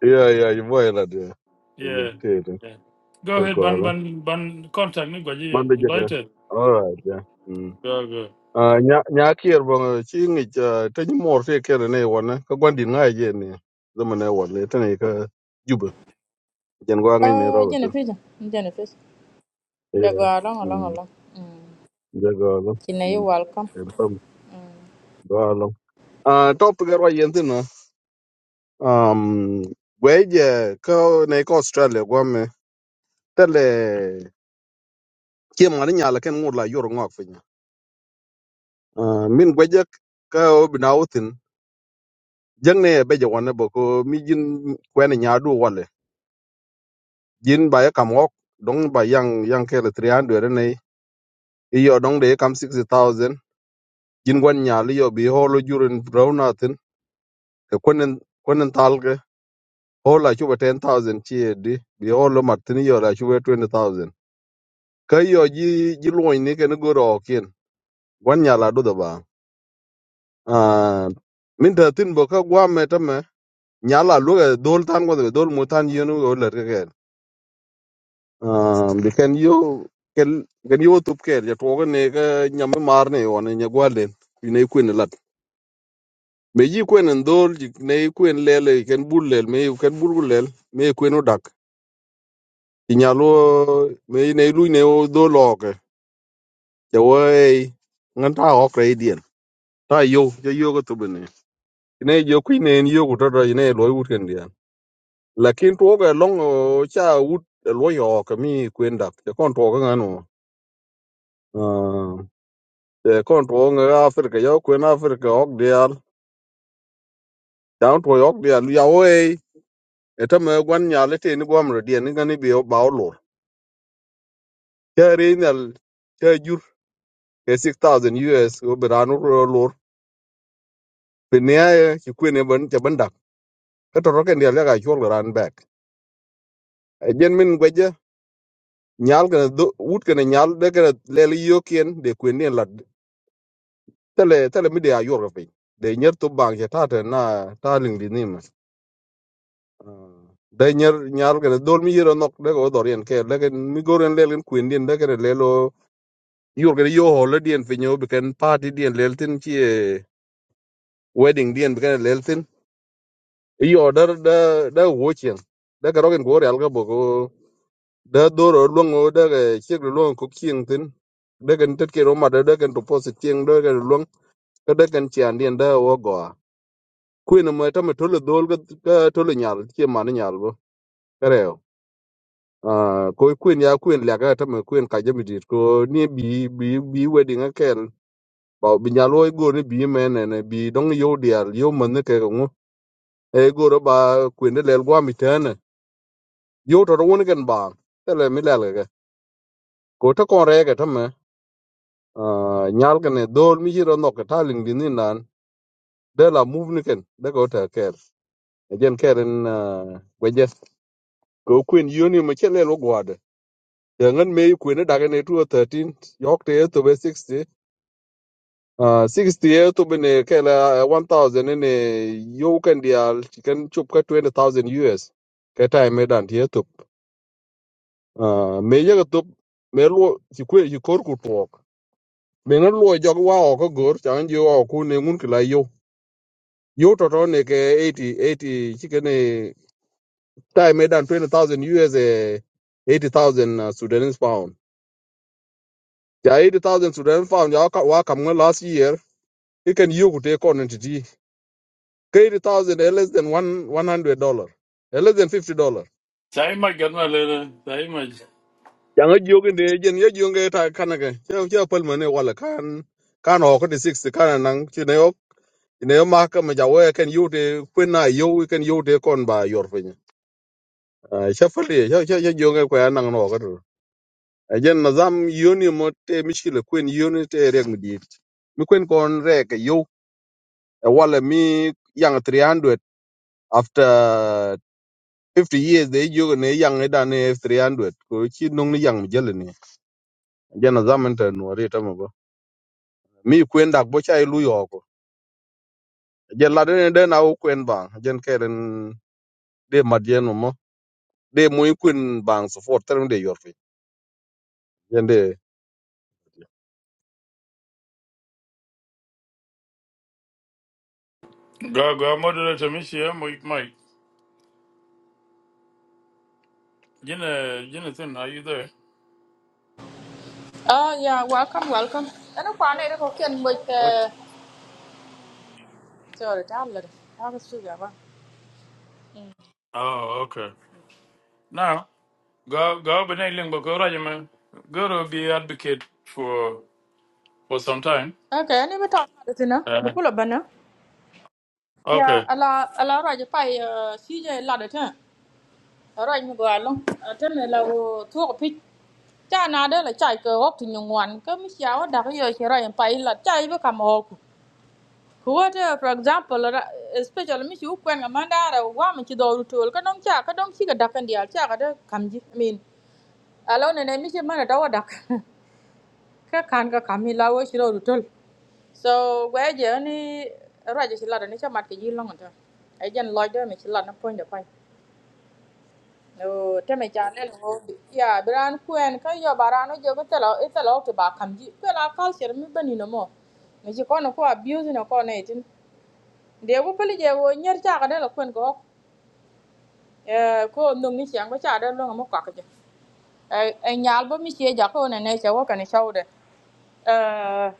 D: Yeah, yeah, you boy la dia. Yeah,
B: Yeah,
D: tete.
B: yeah. Go ahead, ban
D: Jagala.
B: ban ban. Contact me,
D: Mande
B: Gwajiyo.
D: jaga.
B: United.
D: All right, yeah. Mm.
B: Go go.
D: Ah, nya nya kier bong chi ngi cha tani mor se kere ne wona ka gwandi ngai je ne. Zama ne wona tani ka juba. Jan gwa ngai ne
A: ah
D: rogo
A: jene
D: tin.
A: fi jene Yeah, go
D: Yeah.
A: along, along,
D: Mm.
A: along. Mm.
D: Jagala.
A: Kina, you
D: Mm.
A: welcome.
D: Elpam galo. Ah, top gara yentina. Um, Gweje, ko ne ko Australia, tele kiem ngani nyala ken ngur la yor ngok finya min gwajak ka obina utin jangne be jawane boko mi jin kwene nyadu wale jin ba ya kam wok dong ba yang yang kele 300 ne iyo dong de kam 60000 jin gwan nyali yo bi holo jurin brownatin ke konen konen talge hola chuba 10000 chi e di bi holo martini yo la chuba 20000 ka yo ji ji loin ni ken goro kin gwan nyala do da ba Ah, min ta tin bo ka gwam me tame nyala lu ga dol tan ko dol mu tan yenu o ler ke ken um bi ken yo kel ken yo tup ker ja to ne ga nyam mar ne on ne gwale ni ne kwen lat me yi kwen en dol ji ne kwen lele ken bul lel me ken bul bul lel me kwen odak ti nyalo me ne lu ne o dol o ke ja wo ei ngan ta o kre dien ta yo ja yo go tup ne ne jo kwen ne yo go to ne lo wut ken dien lakin tuoga long o cha wut lo yo ka mi kwenda te kon tuoga ngano te kon tuoga afrika yo kwen afrika ok dial down to ok dial ya we eta me gwan ya le te ni gwam rodie ni gani bi o ba o lor ke re nal ke jur ke six thousand us o berano ro lor pinia e ki kwene ban te bandak ka to roken dial ga chol ran back jen min gweje nyal ga wut kana nyal de ga le yo kien de kwen ne tele tele mi dia yor pe de nyer to bang ya ta te na ta ling di nim de nyer nyar ke dol mi yero nok de go dor yen ke le ke mi goren le len kuin din de ke le lo yor ke yo ho le dien fe nyo be ken party dien le tin chi eh, wedding dien be ken le tin yo der da da wo chen de ke rogen go real ga bo go da dor lo ngo de ke chi lo ko king tin de ken tet ke ro ma de de ken to posit king de ke lo ke de ken chi an dien da wo go kwin ma tama tolo dol ga ga tolo nyal che man nyal bo kareo ah ko kwin ya kwin la ga tama kwin ka jami dit ko ni bi bi bi wedding akel ba bi nyalo go ni bi men ne bi dong yo dial yo man ne ke ngo e go ro ba kwin de lel gwa mi tane yo to ro won gen ba tele mi lel ga ko to kon re ga tama ah nyal ga ne dol mi jiro no ka taling din ni nan de la move ni ken de go ta ker again keren ah weje ko kwin yoni ma che lel go Yangan me kwene dagane 213 yokte to be 60 uh 60 to be ne kela 1000 ne yo kan dial chikan chup ka 20000 US ka time me dan tie to uh me ye to me lo ti kwe yi kor ku to me ngan lo jog wa o ko gor chan yo o ku ne ngun kila yo yo to to ne ke 80 80 chikan ne time me dan 20000 US eh 80000 uh, Sudanese pound ja 80000 Sudanese pound ja wa kam last year You can you take on entity. Eighty thousand less than one one hundred dollar. Less than fifty dollar.
B: Say my gunna later. Say my.
D: Yang a yoga de jen ya yoga ta kanaga. Yang ya palmane wala kan kan ho ko de sixty kan nang chineo chineo maka majawe can you de kwena you can you take on by your finya. Shafali ya ya ya yoga kwa nang no ko. Ajen nazam yoni mo te mishkile kwen yoni te reg midit. Mi kwen kon reg yo a wala mi yang 300 after 50 years de yogo ne yang ne da ne F300 ko chi nong ne yang jele ne jana zaman ta no re ta mo ba mi kwen dak bo chai lu yo ko je la de de na u kwen bang jen keren de ma je no mo de mo i kwen bang so for term de yor fi jen de
B: Go go. Moderator, me share Mike. Mike. Jenna Jenna, are you there?
A: Oh, yeah, welcome, welcome. Ano pa na ito ko kian mo
B: Okay.
A: ite... Sorry, tablet. Tapos siya ba?
B: Oh, okay. Now go go. beneling But now link go right, man. Go to be advocate for for some time.
A: Okay, ano ba tawag na ito na?
B: Uh,
A: Bukula ba na? Yeah,
B: okay.
A: ala, ala raja pa uh, CJ la da ta. Raja mo go along. Atan la wo tuwa pit. Cha na da la chai ko wak tu nyungwan. Ka mi siya wa da ka yo shi raja pa ila chai ba kama hoku. Kuwata, for example, ra- especially mi chu kwen ga mandara wa mi chi do rutol ka dom cha ka dom chi ga dakan dial cha ka da kamji. I mean, alo ne ne mi chi mana dawa dak. Ka kan ka kami la wo chi do rutol. So gwa je ni ra je chi la da ni cha mat ke yi long ta. Ai jan lo de mi chi la na point da pai. No te me cha ne wo ya bran kwen ka yo barano je ko telo itelo to ba kamji. Ko la culture mi bani no mo. Mi chi kono ko abuse no ko ne tin. de bu peli je wo nyer cha ga dala kwen ko eh ko ndong ni chiang ko cha da lo mo kwak je e nyal bo mi che ja ko ne ne cha wo kan cha de eh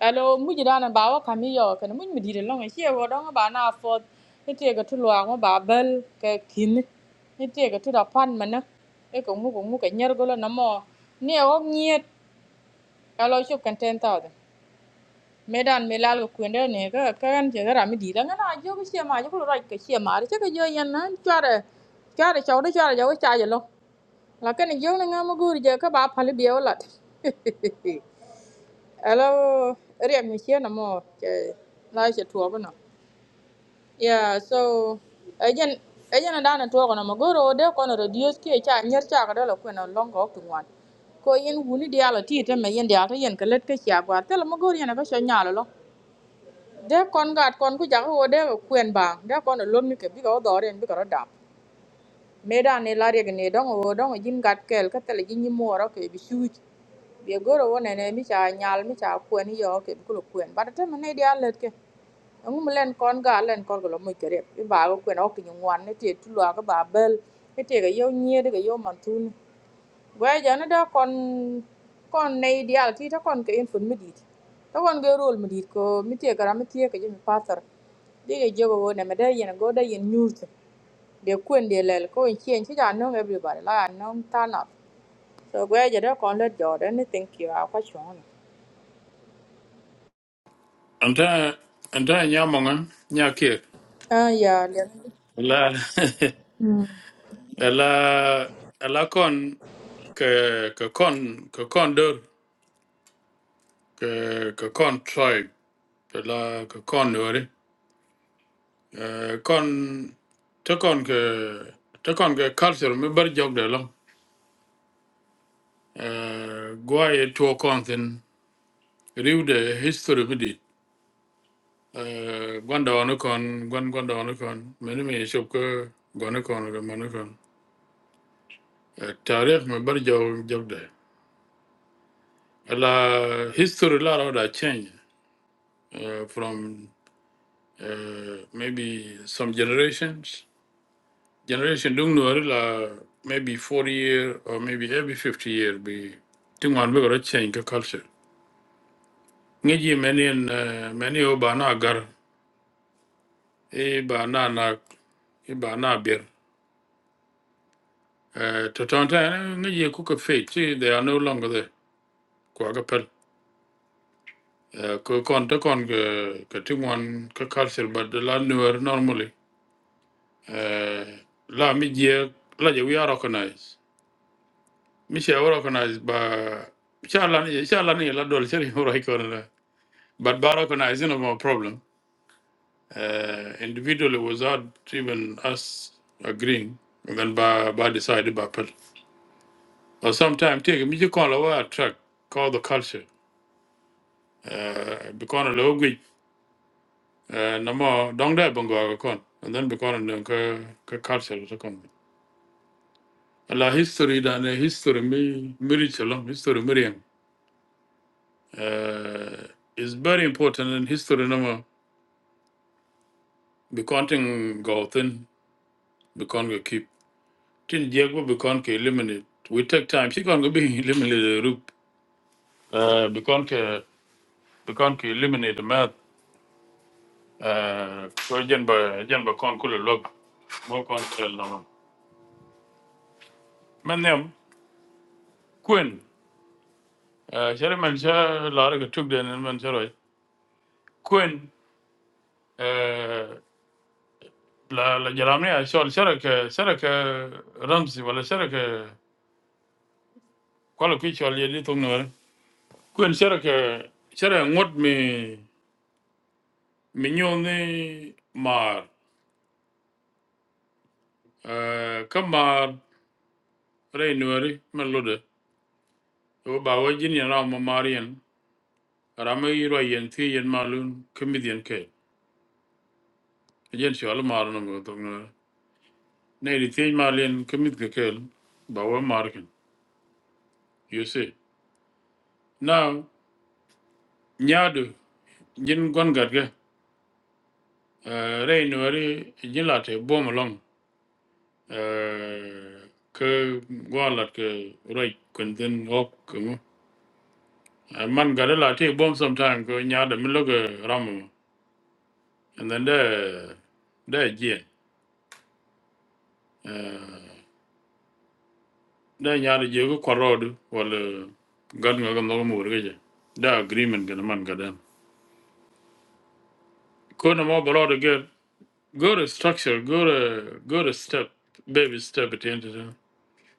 A: alo mu ji dana ba wa kami yo kan mu mi dire lo ngi che wo dong ba na fo ni te ga tu lo ngo ba bel ke kin ni te ga tu da pan ma na e ko mu ko mu ka nyer go lo na mo ni e wo nyet alo chup kan 10000 medan me lal ko kwende ne ka ka kan che gara mi di da ngana jo ko che ma jo ko ra ke che ma re che ko jo yan na chare chare chaw de chare jo cha je lo la ka ni jo na ngam gur je ka ba phal bi ola hello riak mi che na mo che la che tuo ba no yeah so again again da na tuo ko na mo goro de ko na radio ske cha nyer cha ka da lo ko na longo ko ngwan ko yin wuni dialo ti te me yin dialo yin ka let ke cha gwa te lo mo gor yin na ka sha nyalo lo để con de kon gat kon ku jak wo de ko kwen bang de kon lo mi ke bi ko bị cái đó ko mẹ me da là la reg ne dong wo dong jin gat kel cái tele jin ni mo ro ke bi shu bi goro rồi ne ne mi chả nyal mi cha kwen yo ke bi ko kwen ba te ne dia let ke ngu mu len kon ga len kon ko lo mi ke cái bi ba ko kwen ok ni wan ne te tu lo ga ba bel ke te ga yo nye de ga yo man tun Gwayjana da kon kon nayi diyal ti ta kon ka en fun midit ta kon ge rol midit ko mitie kara mitie ke jemi pasar dege jego go neme de yen go de yen nyurte de kwen de lel ko en chien chi ja nong everybody la ja nong turn up so gwaja da kon let jode ni thank you a kwa chon
B: And then and then yamongan, nyakir.
A: ah ya le
B: La la la con ke ke con ke con kon cái cái con soi tức là cái con nữa đấy Ờ, con thế còn cái thế còn cái culture mới bắt dọc được lắm guai thua con thì riu để history mới đi Ờ, quan đó nó còn quan quan đó nó còn mình mới chụp cái quan nó còn cái mà nó còn Ờ, tarikh mới bắt dọc dọc được là history là đã change uh, from uh, maybe some generations generation dung no la maybe 40 year or maybe every 50 year be thing one we change the culture ngeji many and many o ba na e ba na na e ba bir to tonta ngeji ku ka fe chi they are no longer there kwa ga pel ko kon to kon ga ka thing one ka culture but the la newer normally uh, la mi je la je we are recognized mi she recognized ba Inshallah, inshallah, ni la dol seri horai kono la. But Barakuna is not a problem. Uh, individually, without even us agreeing, and then by, by decided by person. Or sometimes take me you call our track, call the culture. Uh, because of language, uh, no more don't let Bongo con, and then because of the uh, the culture to come. La history than a history me mirichalom history miriam. Uh, is very important and history no more. Be counting go thin, keep. tin jeg bu bikon ke eliminate we take time she kon go be eliminate the group uh bikon ke bikon ke eliminate the math uh ko jen ba jen ba kon kule log mo kon tel no men ne queen uh shere men sha la ra tuk den men sha roi queen uh la la jalamni a shol shara ke shara ke ramsi wala shara ke kwala kwi shol ye di tung no queen shara ke shara ngot mi mi nyoni mar Eh, kamar rainuari malude o ba wajin ya na ma marian rama yiro yen ti yen malun kemidian ke yen shi ala mar no go tong ne ri ti malin kemid ke kel Bawa wa you see now nyadu jin gon garga rainuari jin late bom long uh, ke gwalat ke roi kun den ok ko man gada late bom sometime ko nyada mi logo ramu and then the the je da nyaar je ko korod wala gan nga gam no mo reje da agreement gan man gadan ko na mo bro de get go to structure go to go to step baby step at the end of the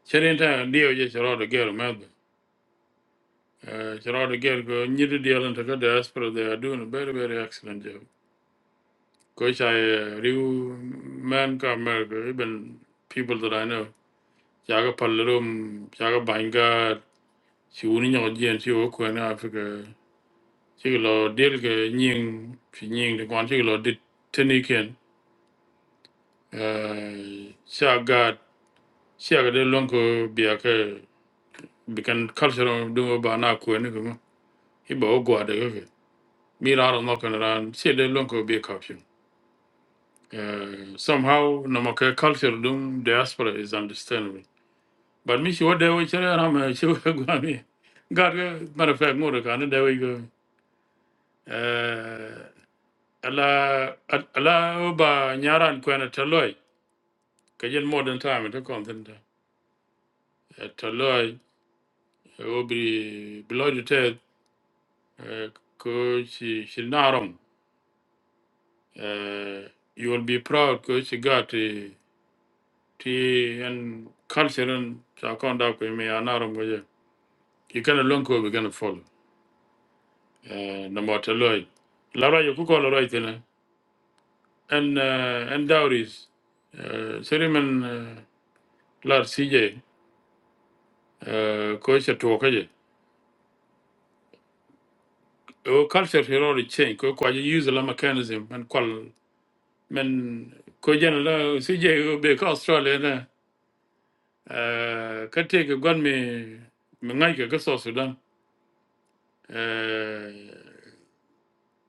B: cherin ta dio je girl, de get ma chero de get go nyi deal and lan ta diaspora they are doing a very very excellent job ko cha real man come mer even people that i know chaga pallerum chaga bangar si wuni nyaŋ jiyan si wo kuɛni afrika ci ki lɔ delkɛ nyiŋ fi nyiŋ di kɔn ci ki lɔ dit tini ken sia gaat siaka de lɔŋ ko biakɛ bikan kalsɛrɔ duŋɔ ba na kuɛni kama i ba wo gwaadɛ kɛkɛ mi raarɔ mɔkɛn raan sie de lɔŋ ko bi kapsɛn somehow namakɛ culture dum diaspora is understandable but mi si wo dɛwɔ cɛrɛ rama si wo gwa mi gaat kɛ matter of fact ŋorɔ kaa ni dɛwɔ ala al- ala ba nyaran ko na taloy ka yen modern time to content taloy obi blood te ko si shinarom Uh, you will be proud ko si got ti and culture and sa konda ko me anarom go je you can learn ko be gonna follow Eh, na mo taloy la ra yo ku ko la ra itena and eh, and dowries eh, serimen eh, lar sije ko se to o culture here already change ko kwa use la mechanism and qual men ko jen la si je be ka australia na eh ka te ke gon me me ngai ke ka so sudan eh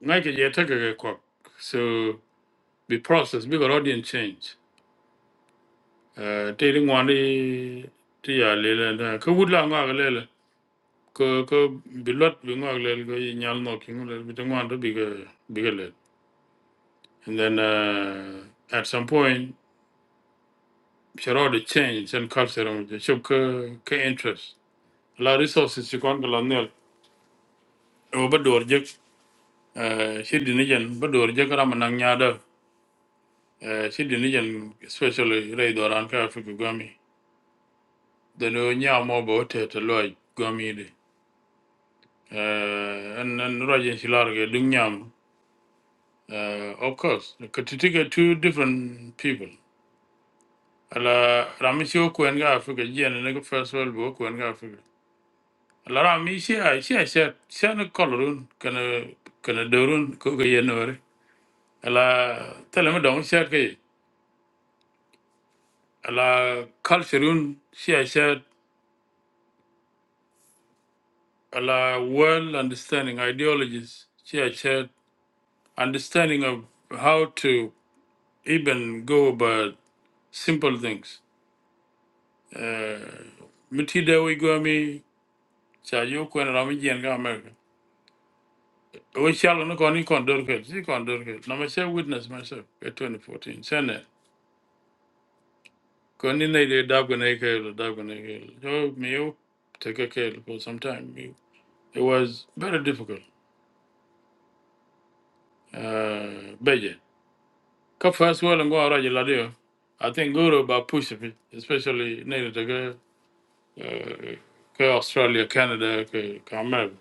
B: ngai ke je te ke ko so the process bigger audience change eh te ri ngwani ti ya le le na ko wud la ngwa le le ko ko bi lot bi ngwa le le ko yi nyal no ki ngwa le bi te ngwa do bi ke bi ke le and then uh, at some point Sure, the change and culture on the show ke interest. La resources you can't go on there. Over door jack, uh, she didn't even, but door jack Ramanang Yada, she didn't even, especially Ray Doran Africa Gummy. The no nya more about it, a loy gummy. Uh, And then Rajan Shilarga, Dungyam, of course, Katitika, two different people. Ala Ramishio Kuenga Africa, Jen and first world book Kuenga Africa. La ra mi sia sia sia sia ne kolorun kana kana dorun ko ga yenore. Ala tele me dong sia ke ala cultureun sia sia ala world understanding ideologies sia sia understanding of how to even go about simple things. Uh, miti de we go mi cha yo ko na mi gen ga America. We shall no koni kon dor ke si kon dor ke. Na me witness myself at 2014. Sene. Koni ne de dago ne kelo, dago ne kelo. So me take a kelo for some time. It it was very difficult. Uh, Beje. Ka first world ngo araje ladio. I think Guru ba push it, especially ne de ka uh, ka Australia, Canada, ka ka America.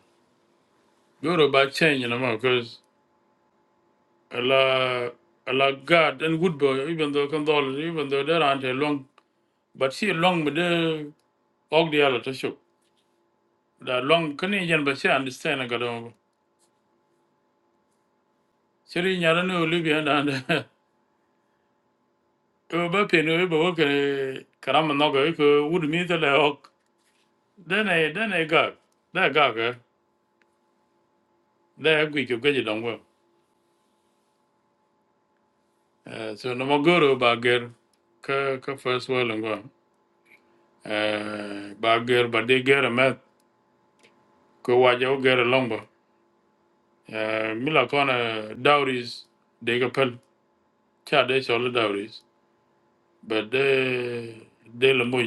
B: Guru ba change na mo because a la a la God and good boy even though condol even though there aren't a long but she long with the og the other to show. That long Canadian but she understand I got on. Seri nyara ni oli biya na de. Ko ba pe ni ba ke karam no ko ko wud mi te le ok. Den e den e ga. Da ga ga. Da gwi ko gwe don go. Eh So no mo goro ba ger ka ka first world ngo. Eh ba ger ba de ger me ko wa jo ger long ba. Eh mi la kona dowries de ga pel. Cha de so le dowries. But de de le mo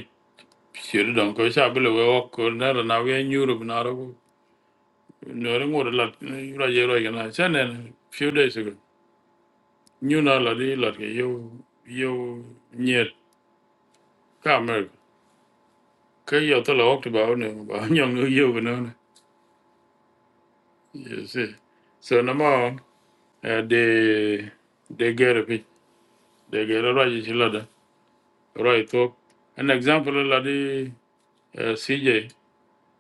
B: Sure, don't go. Shabby, we walk. Never now. We in Europe now. no ri ngor lat eh, ra ye ro yana chen en few days ago nyu na la di lat ke yo yo nyet ka mer ke yo to lo to ba ne ba nyong no yo ko no you see so no mo de de ger pi de ger ra ji chi la da ra i to an example la di eh, cj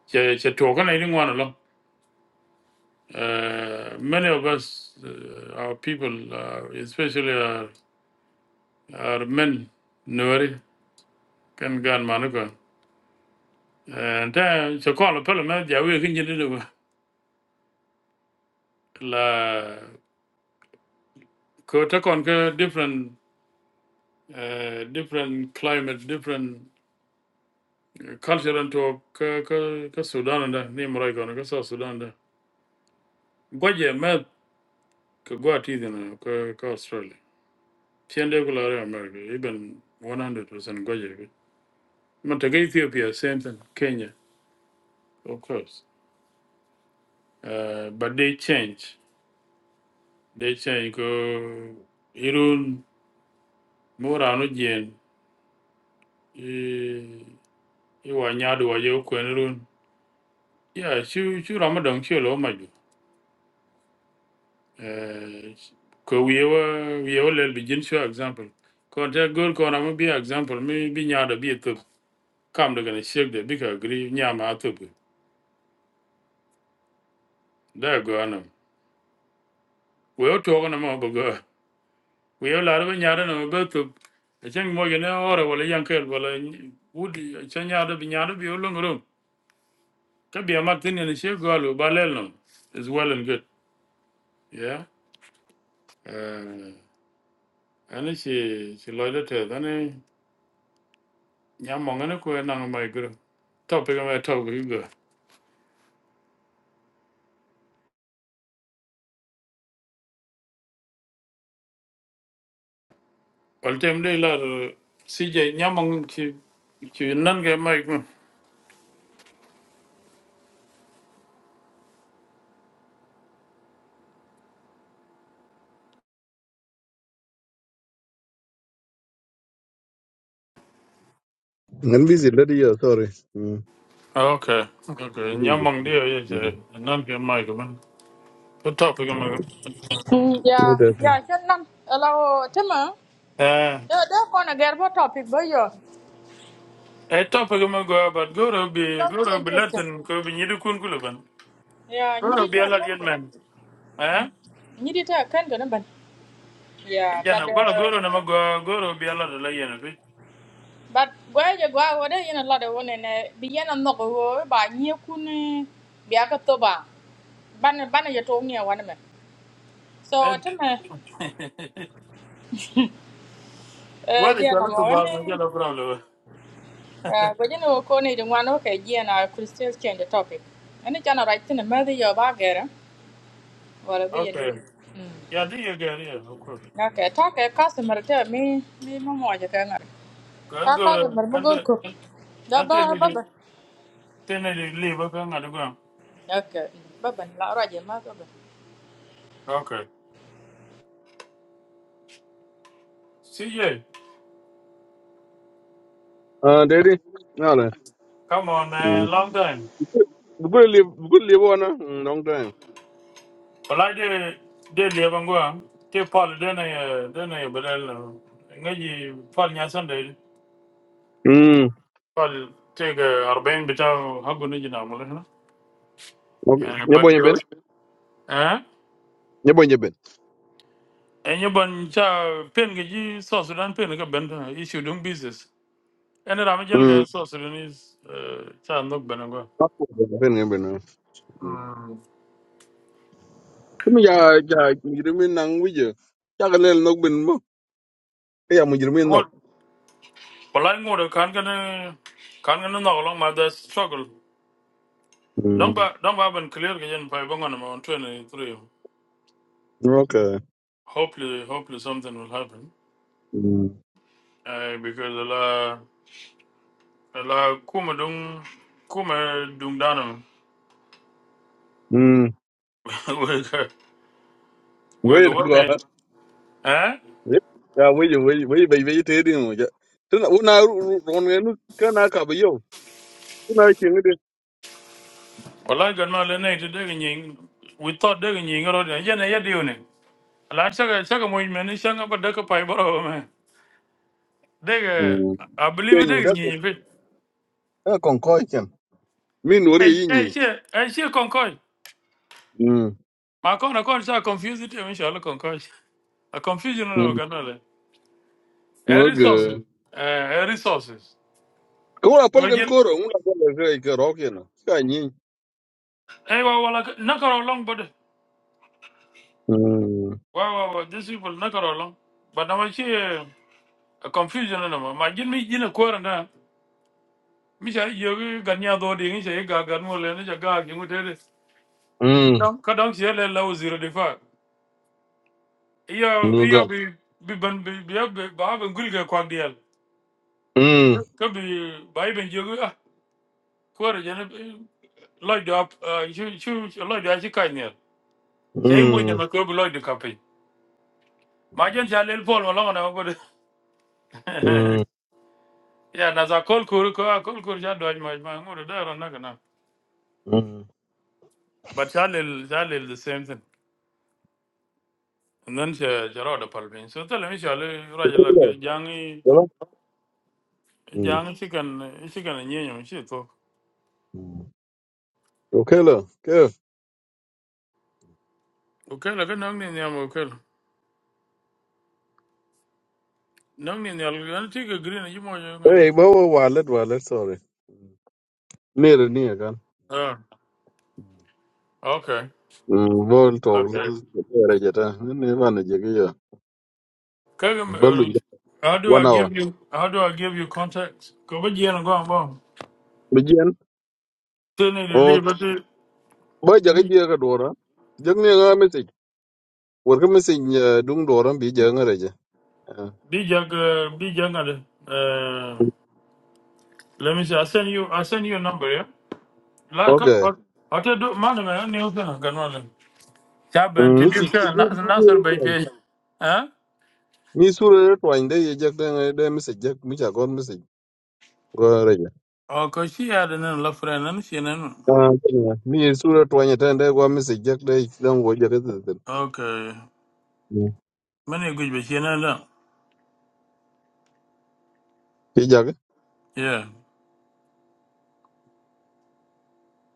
B: che che to ka na ni ngwan lo Eh, many of us uh, our people uh, especially our, our men no kan gan manu ko ta so ko lo pelo me ja we kin jidi du la ko ta kon ke different eh, different climate different eh, culture and to ka ka ka Sudan da ni mo ko na ka so Sudan da goje me ko go ati na ko ko Australia tiende ko la re America even 100% goje ke man ta Ethiopia same thing Kenya of course uh, but they change they change ko irun mo rano i i wa nyaadu wa yew kwen run ya chu chu ramadan chu lo maju eh ko wiye wa wiye wa lel bi jin chu example ko te gol ko na bi example mi bi nyaado bi to kam de gane shek de bi ka gri nyama to bi da go na we o to na mo go go we o la ro nyaado na go to e chen mo gene ore wala yankel wala wudi chen nyaado bi nyaado bi o lo ngoro ka bi amatin ne shek go lo balel no is well and good yeah uh, Ani si si loida te dani nyamong ani ko nang mai gru. Topic mai to gru go. Ol tem de la si je nyamong ki ki nan ge mai gru.
D: ngan busy le de yo sorry Mm,
B: Okay. Okay.
D: busy.
B: Nyamong de ye je
D: Mm.
B: nan ge mai gru. The topic mai.
A: ya
D: Ne da fi.
A: ya chen nam ala o tema
B: Eh.
A: da da kon a gerbo topic bo yo
B: E topic mai go but go to be
A: don
B: go to
A: chien
B: be
A: keste
B: latin ko bi nyidu kun kuluban.
A: ya
B: Go
A: nyidi
B: to be
A: ta
B: a
A: kan ka
B: man. Eh?
A: nyidi ta kan ka na ban Yeah, but
B: Jana ko go
A: uh,
B: to na go go to be a lot la yen.
A: but where you go, where you know, lot of one and uh, be in a knock over by near Kuni, Biakatoba, Banner Banner, you told me one of them. So, tell me,
B: Eh.
A: uh,
B: What is
A: yeah,
B: your
A: no
B: little
A: more.
B: box? You no
A: Uh,
B: problem.
A: but you know, Connie, the one okay, yeah, and I could still change the topic. And it's not right in the mother your bagger, well, we
B: Okay.
A: need
B: Yeah, do you get yeah, of course.
A: Okay, talk a customer tell me, me, Mamma, you can
B: Can
A: talk
B: go to
A: customer,
B: and
A: Mugurku.
B: and tell
A: Baba,
B: me the
A: Baba.
B: tell me the leave okay I'm gonna go.
A: Okay, Baba, Laura, your mother.
B: Okay. See you.
D: ah de de na le
B: Come on man, long time.
D: bu ko le bu ko le bona long time
B: Well I did did leave and go. Take Paul then I uh, then I but I'll ngaji Paul nya Sunday.
D: mm
B: Paul take a Arbain bit of Hagun in Amul.
D: okay ne bo
B: But
D: nyen
B: you
D: ben
B: eh?
D: ne bo nyen ben
B: And you bunch of pen gaji South Sudan pen like a bend uh, issue doing business. ene rami jel
D: mm
B: ga so sudanese eh, cha nok benengo
D: Passport, ben ngen ben Kuma ya ya mujrimin nang wije. Ya ga lel nok bin mo. Ya mujrimin
B: what
D: nok.
B: palai ngore kan kan kan kan no long ma the struggle don't
D: Mm.
B: ba don't ba ben clear ga yen pa bongo na ma on 23
D: Okay.
B: hopefully hopefully something will happen
D: Mm.
B: uh, because la la kuma dung kuma dung danam
D: Mm.
B: we ga we ga
D: Wait
B: what me?
D: go.
B: eh
D: Ya wije wije wije bai bai te din mo. Tana una ron ne nu kana ka ba yo. Una ke ngade.
B: palai gan ma le nei de de nyin we thought de nyin ro de yen ye diu ne la cha ga cha ga mo men cha ga ba de ka pa boro me. They,
D: Mm.
B: I
D: Ke
B: believe
D: ni
B: they.
D: da ko.
B: Nyi nyi.
D: Da kon ko ken. Min wori
B: Hey,
D: yi ni.
B: hey, she, hey, she concoy.
D: Mm.
B: Ma kon na kon sa confuse it. Mi shalo concoy. A confusion na
D: Mm.
B: magana A resources.
D: Okay.
B: Eh, eh, resources.
D: Ko la
B: So
D: pol gan
B: Again.
D: koro, una pol ga ke ro ke na. Ka ni.
B: Hey, wa wala na karo long but.
D: Mm.
B: Wa wa wa. These people na karo long. But na ma she a confusion na ma. Ma gin mi gin a kwara na. Mi sha yogi ganya do di. Mi sha eh, ga ga mo le. Mi sha ga ki mo tere.
D: Mm.
B: Kadang she le la zero defa. Iyo
D: Go go.
B: iyo bi bi ban bi bi ba ba ngul ga kwang
D: Mm.
B: ka bi bai ben jogu ah kwara jana loy do ap chu chu loy do chi kai ne sei mo de
D: Mm.
B: ma ko bi loy do kape ma jen cha lel pol ma longa na ko de. ya na za kol kur ko a kol kur ja do ma ma ngoro da ro na kana
D: Mm.
B: but cha lel cha lel the same thing and then cha cha ro da pal bin so tell me cha le ra ja lat ga
D: Killer,
B: jang
D: you know? Mm.
B: jang chi kan chi kan nye chi to
D: Mm. Okay, look. Good.
B: okay la ga nang ni nyam okay nang ni nyal ga ti ga green ji mo jo ngado
D: Hey, well, well, wallet, wallet, sorry. Near, near, kan.
B: ah okay
D: Mm, bol tog
B: okay
D: lel era jeta ne bana jege ya
B: Kevin,
D: balu
B: uh, how do
D: one
B: I
D: hour
B: give you how do I give you contacts? Go but yeah, I'm going bomb.
D: bijen
B: Still need to leave,
D: ok
B: but the
D: ba jage
B: big
D: je ga dora jag ne ga message wor ga message eh, dung dora bi je ngare je Ah.
B: big uh be young, uh, let me see. I send you I send you a number, yeah? Like come
D: okay
B: what what I do man man new thing can only. Chaben
D: Mm,
B: to
D: mi ci
B: give sir Nasser Benke. Huh?
D: mi sura to inde ye jag de de message jag mi ja gon message
B: Oh, cause she had an love friend and she then
D: Ah, yeah. mi sura twanya tende kwa misi jak de dan go jak de
B: okay. Many good but she then
D: ti jak
B: yeah.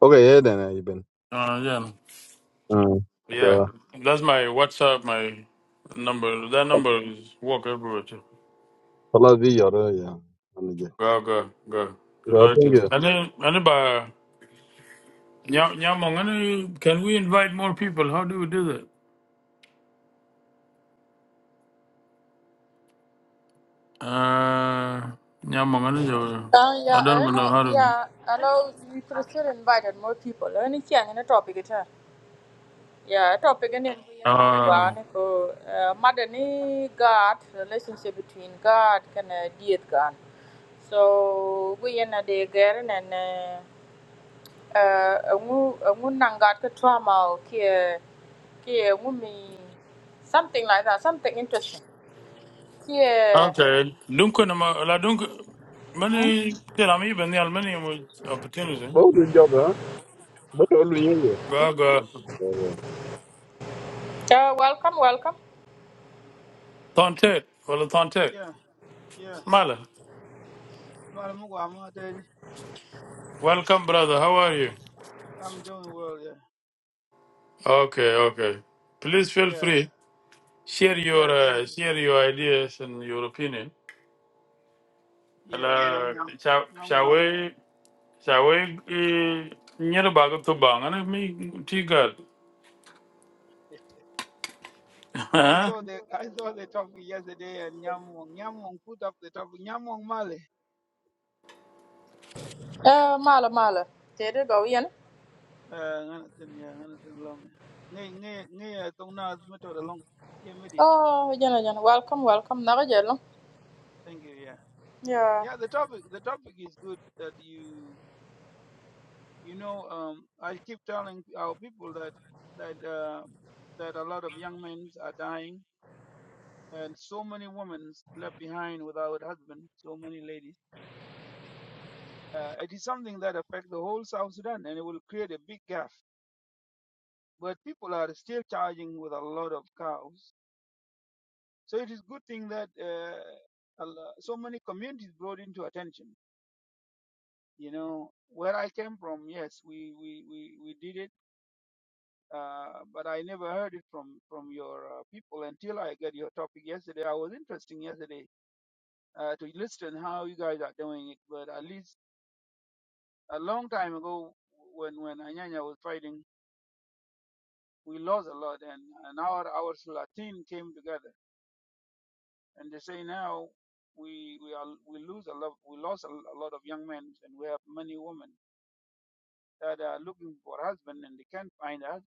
D: okay yeah then i been
B: Uh yeah.
D: ah
B: Yeah,
D: go
B: that's my WhatsApp, my number. That number is work everywhere too.
D: pala vi yoro ya ani je
B: Go, go, go. You
D: go
B: like
D: thank
B: it.
D: you
B: And then, anybody, Nyamong, any- can we invite more people? How do we do that? Uh, Nyamong, any- uh,
A: Uh,
B: I
A: yeah,
B: don't
A: and
B: even know how to.
A: yeah, allow you could still invited more people. Any thing in a topic it yeah, a topic and then we another
B: Uh,
A: go madani God relationship between God and uh, dear God. So we in a day again and uh, uh, a nangat ka trauma kia kia wumi something like that, something interesting. Kia.
B: okay. Duncan, la Duncan,
A: Hmm?
B: many, tell I'm even the aluminium opportunity.
D: oh good job ha but all we
B: Go,
D: here
B: go.
A: Uh, welcome, welcome.
B: Tontet, well, Tontet.
E: Yeah, yeah.
B: Mala,
E: Madam Gwama Daddy,
B: welcome, brother. How are you?
E: I'm doing well, yeah.
B: Okay, okay. Please feel
E: Yeah,
B: free. Share your
E: yeah, thank
B: uh,
E: you.
B: share your ideas and your opinion. And,
E: Yeah,
B: uh,
E: Nyamung.
B: shall shall
E: Nyamung.
B: we shall we uh, near bag to bang and me tigal.
E: Yeah, I saw
B: As
E: the I saw the topic yesterday and Nyamung. Nyamung put up the topic. Nyamung Male.
A: Uh, mala mala. There it go Ian.
E: Uh nganatin, yeah, nganatin long. Nge nge nge yeah, tong na method along. Yeah, made it.
A: Oh, Jenna, Jenna, welcome, welcome. Naga Jello.
E: Thank you, yeah.
A: Yeah.
E: Yeah, the topic the topic is good that you you know, um I keep telling our people that that uh that a lot of young men are dying and so many women left behind without husband, so many ladies. Uh, it is something that affects the whole South Sudan, and it will create a big gap. But people are still charging with a lot of cows, so it is good thing that uh, so many communities brought into attention. You know, where I came from, yes, we we we, we did it, uh, but I never heard it from from your uh, people until I got your topic yesterday. I was interesting yesterday uh, to listen how you guys are doing it, but at least A long time ago, when when Anyanya was fighting, we lost a lot, and and our our Latin came together, and they say now we we are we lose a lot we lost a, a lot of young men, and we have many women that are looking for husband and they can't find us.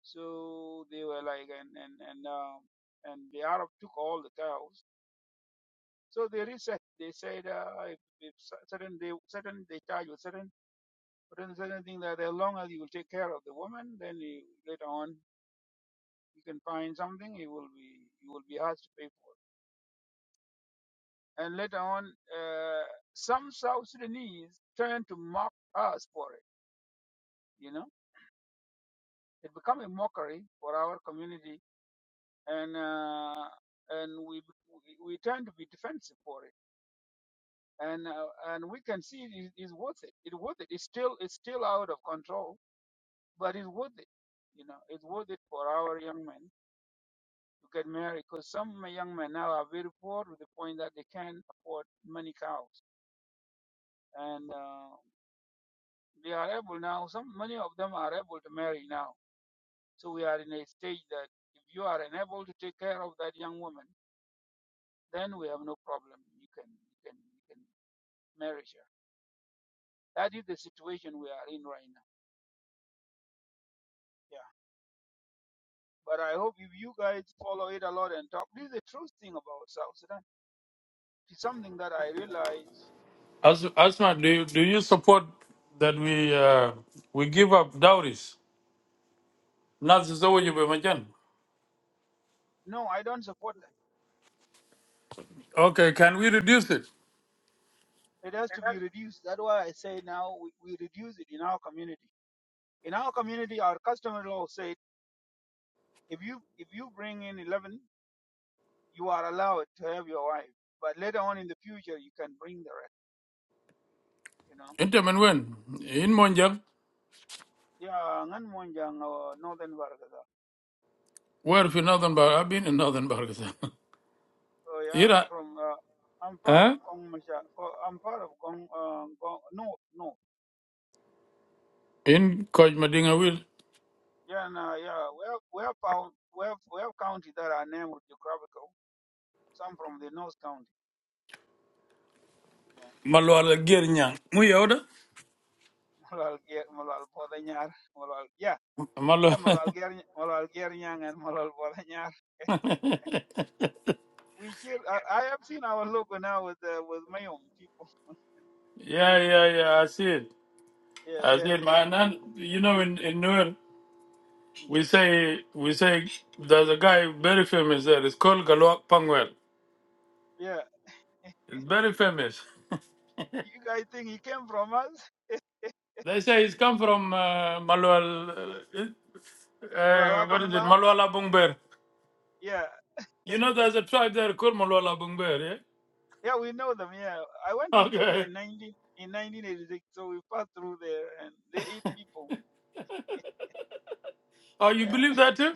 E: So they were like and and and um, and the Arab took all the cows. So they reset. They said uh, if, if certain they certain they charge with certain certain certain thing that as long as you will take care of the woman, then you, later on you can find something, you will be you will be asked to pay for it. And later on, uh, some South Sudanese turn to mock us for it. You know, it become a mockery for our community, and uh, and we we we turn to be defensive for it. And uh, and we can see it is worth it. It's worth it. It's still it's still out of control, but it's worth it. You know, it's worth it for our young men to get married because some young men now are very poor to the point that they can't afford many cows and uh, they are able now. Some many of them are able to marry now. So we are in a stage that if you are unable to take care of that young woman, then we have no problem. You can you can you can marry her. That is the situation we are in right now. Yeah. But I hope if you guys follow it a lot and talk, this is the true thing about South Sudan. It's something that I realize.
B: Asma, do you, do you support that we uh, we give up dowries? Not so you be majan.
E: No, I don't support
B: Okay, can we reduce it?
E: that. It has to be reduced. That's why I say now we, we reduce it in our community. In our community, our customary law said If you if you bring in eleven, you are allowed to have your wife. But later on in the future, you can bring the rest. You know.
B: In time when in Monjang,
E: Yeah, ngan monjang or northern Vargaza.
B: where if in northern Bar, I've been in northern Bargasan.
E: So yeah,
B: Ira,
E: from uh, I'm part of
B: huh?
E: Gong Masha. Oh, I'm part of Gong. Uh, Gong. No, no.
B: In Koj Madinga will.
E: Yeah, no, yeah. We have we have pound, we have we have county that are named with geographical. Some from the North County. Yeah.
B: Malwala Girnyang. Muyoda?
E: Malal Ger, Malal Podanyar, Malal. Yeah. Yeah,
B: Malwala.
E: Malal Ger, Malal Gernyang, and Malal Podanyar. we hear. I, I have seen our logo now with uh, with Mayom people.
B: Yeah, yeah, yeah. I see it.
E: Yeah,
B: I
E: they
B: see
E: have
B: it, man.
E: Babylon.
B: And you know, in in Nuer,
E: Mm.
B: we say we say there's a guy very famous there. It's called Galwak Pangwell.
E: Yeah,
B: It's very famous.
E: you guys think he came from us?
B: They say he's come from uh, Malwal. Uh, uh, what
E: Lalagwang
B: is it?
E: bar?
B: Malwala Bungber.
E: Yeah,
B: You know, there's a tribe there called Malwala Bungber. Yeah.
E: yeah, we know them. Yeah, I went to Ethiopia
B: Okay.
E: in 19 in 1986, so we passed through there, and they eat people.
B: Oh, you
E: Yeah.
B: believe that too?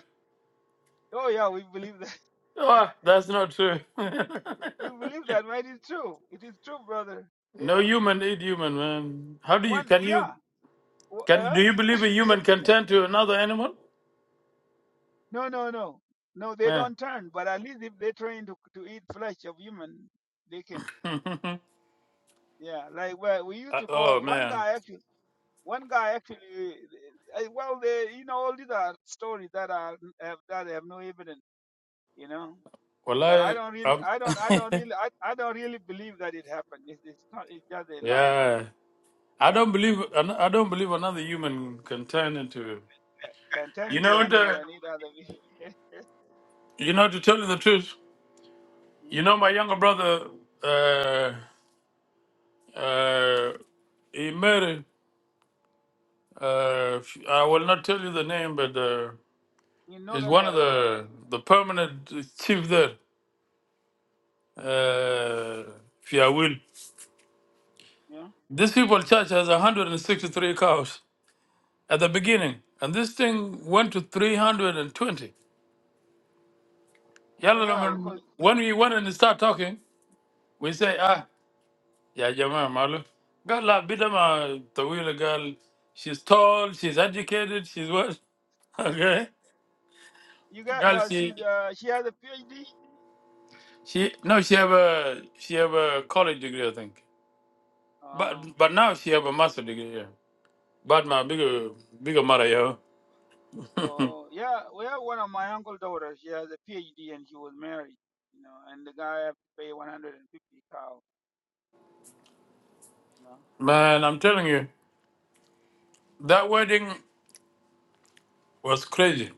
E: Oh yeah, we believe that.
B: Oh, that's not true.
E: We believe that, right? It's true. It is true, brother. You
B: No
E: know,
B: human eat human, man. How do you
E: one.
B: can you?
E: Yeah. w-
B: Can
E: Uh,
B: do you believe a human can turn to another animal?
E: no, no, no, no. They
B: Yeah.
E: don't turn, but at least if they train to to eat flesh of human, they can. Yeah, like well, we used
B: Uh,
E: to
B: oh
E: call one
B: man.
E: guy actually. One guy actually. eh, eh, Well, they, you know, all these are stories that are have, that have no evidence. You know,
B: Well,
E: but I
B: I
E: don't really,
B: um,
E: I don't, I don't really, I, I don't really believe that it happened. It's, it's not. It's just a lie.
B: yeah. I
E: Yeah,
B: don't believe I don't believe another human can turn into.
E: Ca- can turn
B: You
E: into
B: know
E: animal
B: the,
E: and eat other. people.
B: You know to tell you the truth.
E: Hmm?
B: You know my younger brother. Uh, uh, he married. Uh, I will not tell you the name, but uh,
E: In
B: he's
E: northern
B: one of
E: Vargadal, right?
B: the the permanent chief there. Uh, if you will.
E: Yeah.
B: This people church has 163 cows at the beginning, and this thing went to 320.
E: Oh
B: Yalla na
E: yeah,
B: man-
E: because
B: When we went and start talking, we
E: hmm?
B: say, ah, yeah, Jama Malu. Girl, la bida ma tawila girl. She's tall, she's educated, she's what? Okay.
E: you got.
B: Girl,
E: Yeah,
B: she,
E: she's. Uh, she has a PhD.
B: she, no, she have a, she have a college degree, I think.
E: Oh.
B: But, but now she have a master degree, yeah. But my bigger, bigger mother, yo.
E: Oh, yeah, we have one of my uncle daughters. She has a PhD and she was married, you know, and the guy have to pay 150 cow, you know.
B: Man, I'm telling you, that wedding was crazy.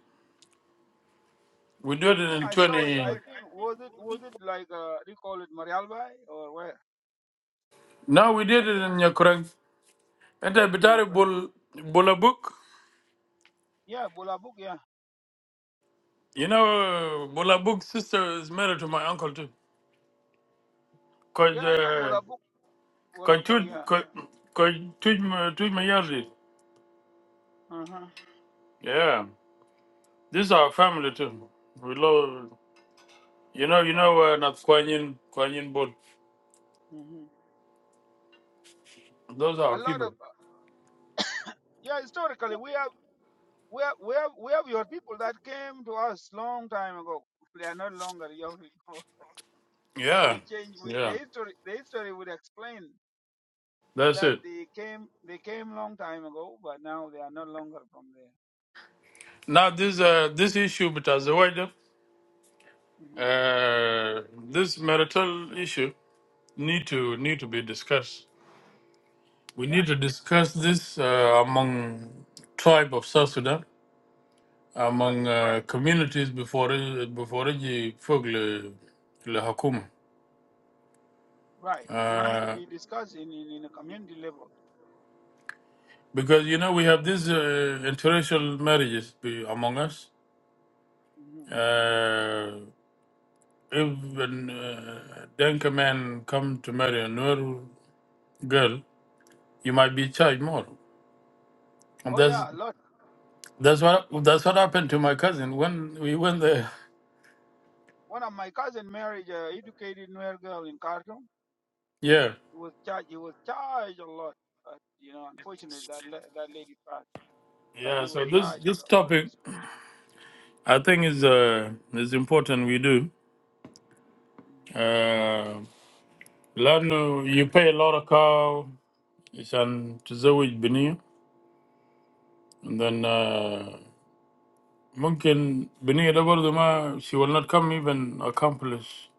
B: We
E: I
B: did it
E: think
B: in
E: I saw it. I
B: 20.
E: think was it was it like uh, they call it Marialbai or where?
B: No, we
E: I
B: did it
E: think
B: in Yakurang. And I
E: oh in
B: Bitari
E: Yakran.
B: Bul, Bulabuk.
E: Yeah, Bolabuk. Yeah,
B: You know, uh, Bulabuk's sister is married to my uncle too.
E: yeah,
B: Cause,
E: I know
B: uh,
E: Bolabuk.
B: cause,
E: Bolabuk.
B: two,
E: Yeah.
B: cause, cause two, my two my yearly.
E: Uh huh.
B: Yeah. This is our family too. We love, you know, you
E: Right.
B: know, uh, not Kuan Yin, Kuan Yin Bul.
E: hmm
B: Those are our
E: A lot
B: people.
E: of yeah. Historically, we have we have we have we have your people that came to us long time ago. They are not longer your people.
B: Yeah.
E: we change we,
B: Yeah.
E: the history. The history would explain
B: That's
E: that
B: it.
E: they came they came long time ago, but now they are no longer from there.
B: Now this, uh, this issue, but as a wider,
E: hmm
B: uh, this marital issue, need to need to be discussed. We
E: Yeah,
B: need to discuss this uh, among tribe of South Sudan,
E: right,
B: among uh, communities before it- before the le le hakuma.
E: right. It need to
B: Uh,
E: be discussed in in, in a community level.
B: Because you know we have these uh, interracial marriages be- among us.
E: hmm
B: Uh, if an uh, Denka man come to marry a Nur girl, you might be charged more. And
E: Oh
B: that's
E: yeah, a lot.
B: that's what that's what happened to my cousin when we went there.
E: One of my cousin married a educated Nuer girl in Khartoum.
B: Yeah.
E: He was charged. He was charged a lot, but you know, unfortunately, that la- that lady passed. But
B: Yeah,
E: he
B: so
E: was
B: this
E: charged with
B: this
E: a lot of
B: topic
E: stuff.
B: I think is uh is important we do. Uh Lanu you pay a lot of cow عشان تزوج بنية and then uh ممكن بنية ده برضه ما she will not come even accomplish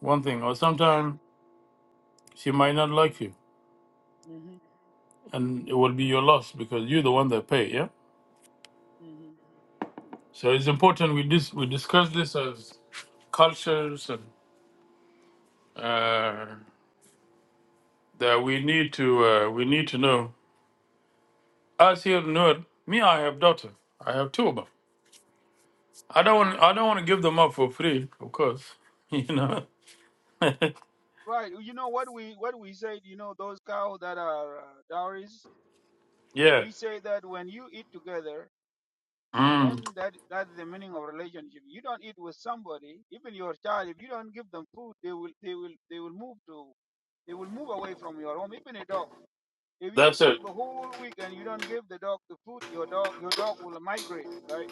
B: one thing or sometimes she might not like you
E: hmm
B: and it will be your loss because you're the one that pay, yeah?
E: hmm
B: So it's important we dis- we discuss this as cultures and uh, that we need to uh, we need to know. As you know, me, I have daughter. I have two of them. I don't
E: hmm
B: want. I don't want to give them up for free, of course. You know.
E: Right. You know what we what we said. You know those cows that are uh, dowries.
B: Yeah.
E: We say that when you eat together,
B: Mm.
E: then that that's the meaning of relationship. You don't eat with somebody, even your child. If you don't give them food, they will they will they will move to they will move away from your home. Even a dog. If you
B: That's
E: cook
B: it.
E: the whole week and you don't give the dog the food, your dog your dog will migrate. Right.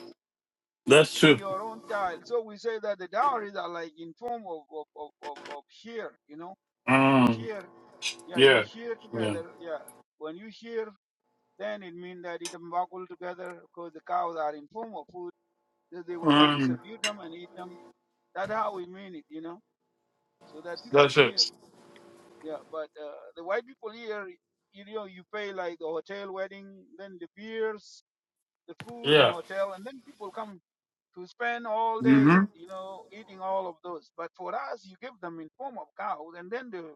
B: That's
E: Even
B: true.
E: your own child. So we say that the dowries are like in form of of of of, of share. You know
B: Mm.
E: share yeah, you
B: Yeah.
E: share
B: Yeah.
E: together. Yeah, when you share, then it means that it muggle together because the cows are in form of food. Then they will go and
B: Mm.
E: distribute them and eat them. That's how we mean it, you know, so that people
B: That's
E: share.
B: it.
E: Yeah, but uh, the white people here, you know, you pay like the hotel wedding, then the beers, the food in
B: Yeah.
E: hotel, and then people come to spend all
B: hmm
E: day, you know, eating all of those. But for us, you give them in form of cows, and then the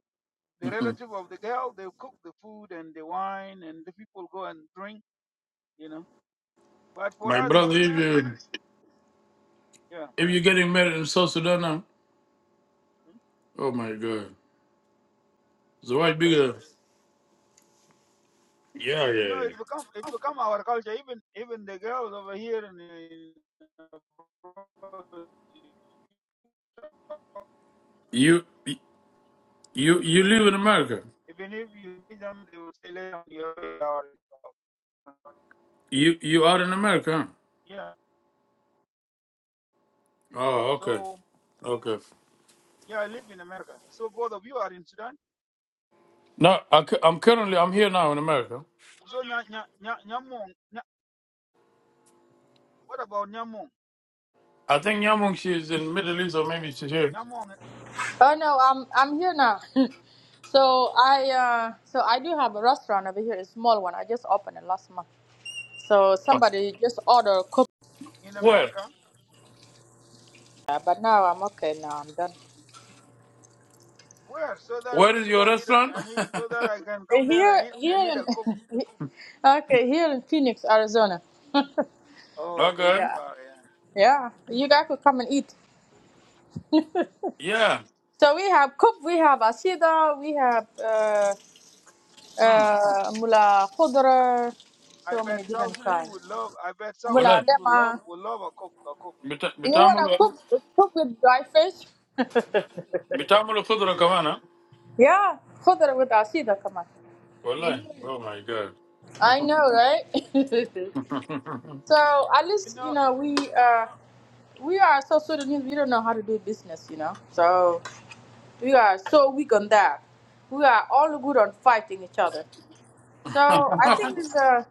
E: the
B: Mhm.
E: relative of the girl, they cook the food and the wine, and the people go and drink, you know. But for
B: My
E: us, if
B: brother,
E: you
B: if
E: marry,
B: you
E: yeah,
B: if you're getting married in South Sudan now,
E: mm,
B: oh my God, it's a
E: it's
B: lot
E: crazy.
B: bigger. Yeah,
E: You
B: yeah,
E: know, it
B: yeah.
E: become it become our culture. Even even the girls over here in, in
B: You you you live in America.
E: even if you meet them, they will say later on you're our
B: You you are in America.
E: yeah.
B: Huh? Oh, okay,
E: So
B: okay.
E: yeah, I live in America. So both of you are in Sudan.
B: No, I, cu- I'm currently I'm here now in America.
E: So nya, nya, nya, nyamong, nya, what about nyamong?
B: I think Yamung she is in Middle East or maybe she's here.
E: Nyamong
A: Oh no, I'm I'm here now. so I uh so I do have a restaurant over here, a small one. I just opened it last month. So
B: Oh,
A: somebody just ordered cook.
E: in
B: Where?
E: America
A: but now I'm okay. Now I'm done.
E: Where? So that we
B: Where is
E: can go
B: your
E: and eat
B: restaurant?
E: and eat, so that I can
A: Uh,
E: come there
A: Here,
E: and eat and
A: here
E: eat
A: in
E: a cook.
A: okay, here in Phoenix, Arizona.
E: Oh, very
B: okay.
A: yeah,
E: far, yeah.
A: yeah. You guys could come and eat.
B: Yeah.
A: So we have cook, we have asida, we have uh,
B: Hmm.
A: uh, mula khudra,
E: I
A: so
E: bet
A: many
E: South
A: different
E: Sudanese
A: kinds.
E: would love. I bet South
A: Mula
B: Well,
E: Sudanese would love
A: Dema.
E: would love a cook a cook.
A: You wanna
B: bitamulu
A: cook cook with dry fish?
B: bitamulu fudra
E: Yeah,
B: kamana.
A: Yeah, خضرة with asida كمان.
B: Well,
A: Mhm.
B: oh my god.
A: I know, right? so at
E: you
A: least you
E: know,
A: know we uh we are so Sudanese. We don't know how to do business, you know. So we are so weak on that. We are all good on fighting each other. So I think it's uh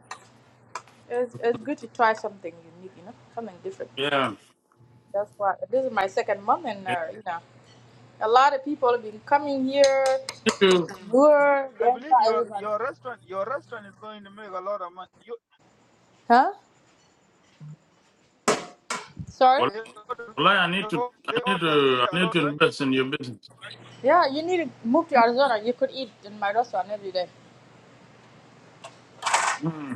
A: it's, it's good to try something unique, you know, something different.
B: yeah.
A: That's why this is my second month, and
B: You
A: uh, you know, a lot of people have been coming here.
B: need to.
A: We're
E: I believe your
A: everybody.
E: your restaurant your restaurant is going to make a lot of money. You
A: Huh? Sorry?
B: Well,
E: they order,
B: I need to.
E: they
B: I need
E: order seed
B: to. I
E: a
B: need
E: lot,
B: to
E: right?
B: invest in your business.
A: Yeah, you need to move to Arizona. You could eat in my restaurant every day.
B: Hmm.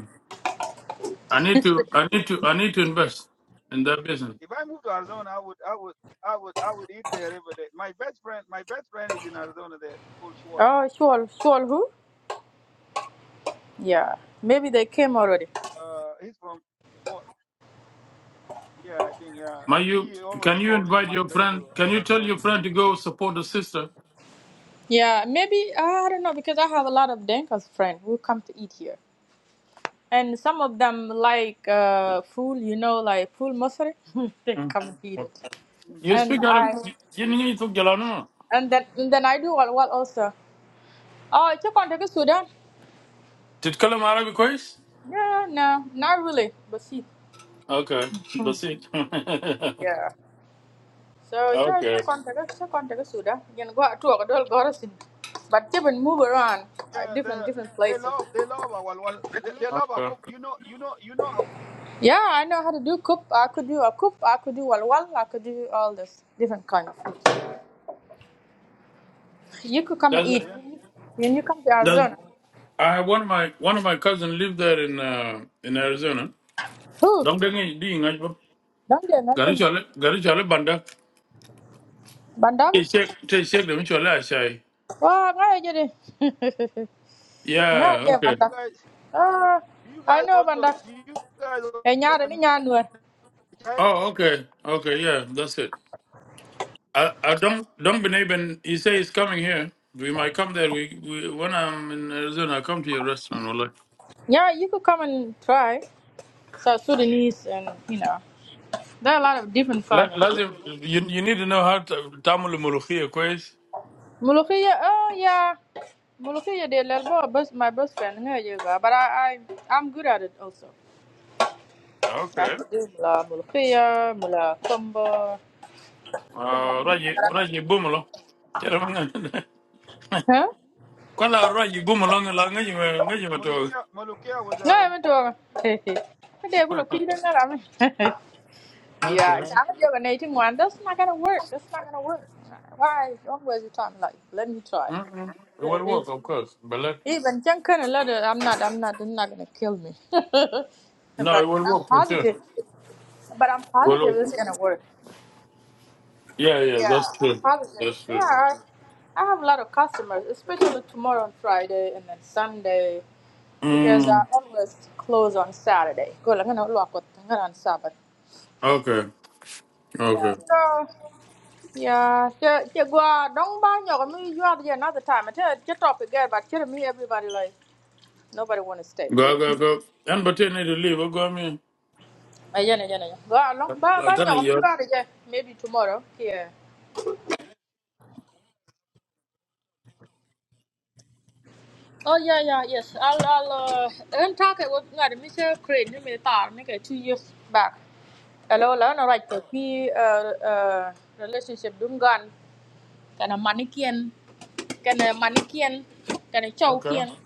B: I need to. I need to. I need to invest in that business.
E: If I move to Arizona, I would I would I would I would eat there every day. My best friend my best friend is in Arizona. There, it's called Schwal.
A: Oh, sure, sure. Who? Yeah, maybe they came already.
E: Uh, he's from Schwal. Yeah, I think yeah.
B: My, you
E: He always
B: can you
E: called me to
B: invite your
E: migrate
B: friend?
E: to
B: Can you tell your
E: Arizona.
B: friend to go support the sister?
A: Yeah, maybe uh, I don't know because I have a lot of Denkas friends who come to eat here, and some of them like uh, food, you know, like food mostly. they
B: Mm.
A: come to eat it,
B: You
E: hmm
A: and
B: speak Arab.
A: I
B: You need to get on.
A: and then and then I do what what also. Oh, I took on to Sudan.
B: Did Kalam Arabic quiz?
A: Yeah, no, not really, but see.
B: Okay, that's it. okay,
A: Yeah. So cha cha
B: okay.
A: contact cha contact suda. You can go to a door garrison. But even move around uh,
E: yeah, they
A: different different
E: they
A: places.
E: love they love our well, they, they love our cook. You know you know you know our cook.
A: Yeah, I know how to do cook. I could do a cook. I could do walwal. I could do all this different kind of food. You could come and
B: That's
A: eat.
E: Yeah.
A: When you come to
B: that's.
A: Arizona,
B: I have one of my one of my cousin lived there in uh, in Arizona.
A: who?
B: Don't get me doing it, but
A: Don't you know?
B: Gary Chale Gary Chale Banda.
A: Bandar?
B: They check they check them. Chale Ashai.
A: Oh, ngaya jadi. Ngaya
B: Yeah.
A: je
B: Okay.
E: You
A: bandar.
E: guys
A: Ah,
E: do you
A: I
E: guys
A: know
E: also
A: bandar.
E: do you guys
A: Eh, nyara ni
E: also
A: nyanua.
E: Chai?
B: Oh, okay. Okay. Yeah. That's it. I, I don't don't believe in. He say he's coming here. We might come there. We, we when I'm in Arizona, I come to your restaurant. we like,
A: Yeah, you could come and try South Sudanese and you know. There are a lot of different kind
B: let,
A: of
B: lazim, you you need to know how to tamul mulukhia quiz.
A: Mulukiya, oh yeah. Mulukiya did let go best my best friend here you go. But I, I I'm good at it also. I
B: Okay.
A: could do mula mulukiya, mula combo.
B: Uh, raji raji bumulo. Tera manga.
A: Huh?
B: Kala raji bumulo ngala ngaji ma- ngaji ma to.
E: Molukia Molukia was
A: No, I
E: a
A: haven't hey. hey. I did a mula kuya na rame. Yeah,
B: Okay.
A: I'm doing eighteen one. That's not gonna work. That's not gonna work. Why always you talking like? Let me try.
B: Mm-mm. It will work, of course. But let,
A: Even John kind of letter, I'm not, I'm not, they're not gonna kill me.
B: no, it
A: but
B: will
A: I'm
B: work for sure. It
A: positive. But I'm
B: will
A: positive
B: work.
A: it's gonna work.
B: Yeah, yeah,
A: Yeah,
B: that's
A: I'm
B: true.
A: positive.
B: That's
A: Yeah,
B: true.
A: I, I have a lot of customers, especially tomorrow on Friday and then Sunday, because I
B: Mm.
A: always close on Saturday. Go, I'm gonna lock with, I'm gonna on Sabbath.
B: Okay.
A: Yeah.
B: Okay.
A: So yeah, yeah, yeah. Well, don't buy your me. You are there another time. I tell you, your topic again, but tell me everybody like nobody want to stay. They
B: Go, go,
A: keep
B: go. And but you need to leave. Go, go, me.
A: Ayan, ayan, ayan. Ba, long, ba,
B: Like
A: ba,
B: that,
A: nyok, mi
B: you
A: yar je. Maybe tomorrow. Yeah. Oh yeah, yeah, yes. I'll, I'll, uh, and talk it with ngari mi se crane ni mi tar mi ke two years back. Hello, la no right to me uh, uh, relationship dum gan kana manikian kana manikian kana
B: Okay.
A: chaukian.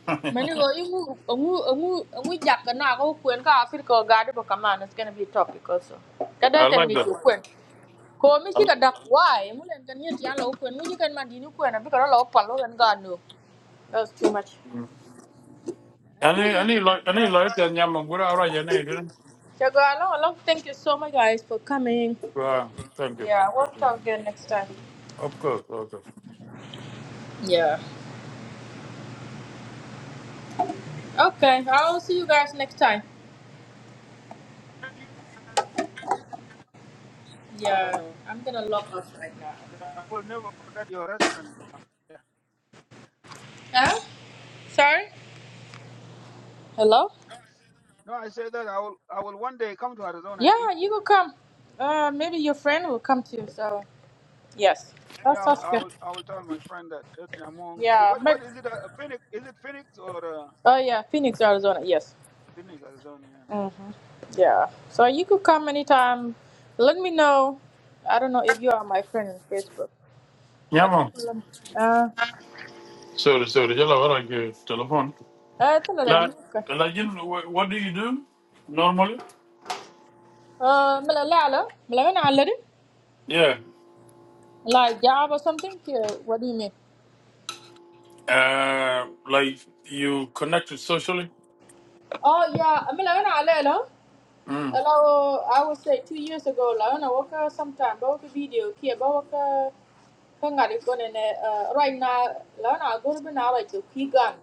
A: Mani go
B: I
A: ingu ngu ngu ngu jak kana ko kwen ka Africa ga de ba kama it's going to be a topic also. Kada ten
B: like
A: mi ku
B: that.
A: kwen. ko mi
B: I
A: ci ka
B: li-
A: dak why mu len kan yet yalla ko nu ci kan man di ni ko na bi ko lo pal lo kan ga no that's too much
B: I need, I need, like, I need, like, that. Nyamon, good, all right, you need, you
A: Chago, hello, hello. Thank you so much, guys, for coming.
B: Go on. Thank you.
A: Yeah, we'll talk
B: Mm.
A: again next time.
B: Of course, okay.
A: Yeah. Okay, I'll see you guys next time. Yeah,
E: I
A: I'm gonna log off right now.
E: will never forget your restaurant. Yeah.
A: Huh? Sorry? Hello?
E: No, I said that I will I will one day come to Arizona and
A: Yeah,
E: eat
A: you
E: there.
A: will come. Uh, maybe your friend will come
E: Yeah.
A: too. So, yes,
E: Yeah,
A: that
E: I'll,
A: sounds good.
E: I'll, I'll tell my friend that that Nyamong. eh,
A: Yeah,
E: What
A: Meg.
E: what is it? Uh, Phoenix? Is it Phoenix or uh,
A: Oh yeah, Phoenix, Arizona. Yes.
E: Phoenix, Arizona? Yeah.
A: hmm Yeah. So you could come anytime. Let me know. I don't know if you are my friend on Facebook, but
B: Nyamon.
A: uh,
B: Sorry, sorry. Jala, what I give Telephone.
A: uh, tell her that,
B: Like,
A: okay.
B: like, you know, wh- what do you do normally?
A: Uh, Mila Lala, Mila Gana Alade,
B: Yeah.
A: like job or something. Yeah, what do you mean?
B: Uh, like, you connected socially?
A: Oh yeah, Mila Gana Alade.
B: Mm.
A: Hello, I would say two years ago, la ona waka sometime, ba waka video, kia ba waka kangari kone ne. Uh, right now, la ona agorbe na right to kigan.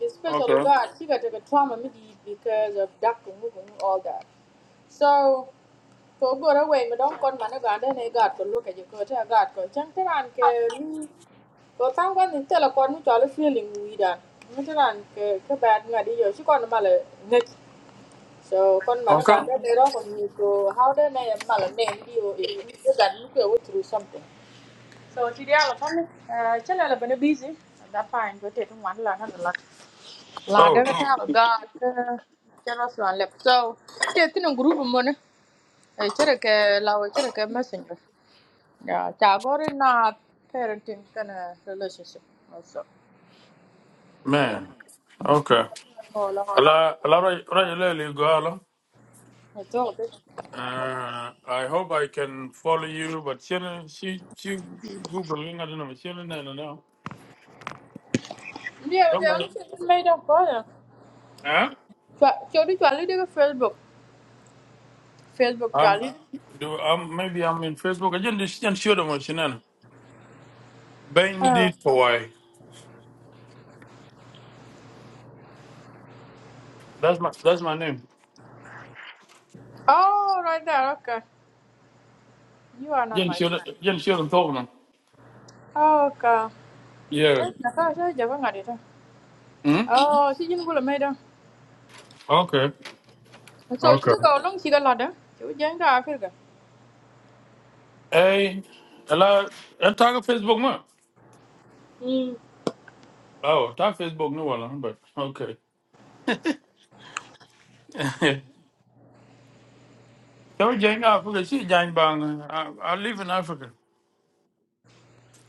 A: especially
B: Okay.
A: God, she got a trauma maybe because of duck and moving all that. So for go away, me don't con man a God and a God could look at you, go to a God, go chanter and ke go tang one in tell a con which all the feeling we done. Meter and ke bad ngadi yo, she con mal net. So con man a
B: Okay.
A: God, they don't come you go, how then I am mal name you if you got look away through something. So today I'll come, uh, channel I've been busy. That fine, but it one lot, and a lot. La
B: Oh,
A: daga ta ga ga ta jalo so lep so te tin group mo ne e chere ke la we chere ke messenger ya ta gore na parenting kan relationship also yeah
B: man. Okay.
A: mo la
B: Hello, hello, Ra- Ra- hello, hello, Gala.
A: e to be
B: Uh, I hope I can follow you, but she she she googling. I don't know. She no no no.
A: ndia we
B: Don't
A: jalo
B: worry.
A: se me da ko ya
B: Huh?
A: cha cho di chali de facebook facebook
B: Um,
A: chali
B: do um maybe I'm in Facebook. I just just show them what she know.
A: oh
B: Bandit for why? That's my that's my name.
A: oh right there okay you are not
B: Just
A: my
B: show them.
A: friend
B: Just show them talk now.
A: oh okay
B: Yeah.
A: Eh, na ka sa jaba ngadi ta.
B: Hmm.
A: Oh, si jin gula me da
B: Okay.
A: So
B: Okay.
A: itu ga long chi ga lada. Chu jang da afir ga.
B: Hey, hello. i talk Facebook more.
A: Mm.
B: Oh, talk Facebook no one, but okay. Don't join Africa. She join Bang. I, I live in Africa.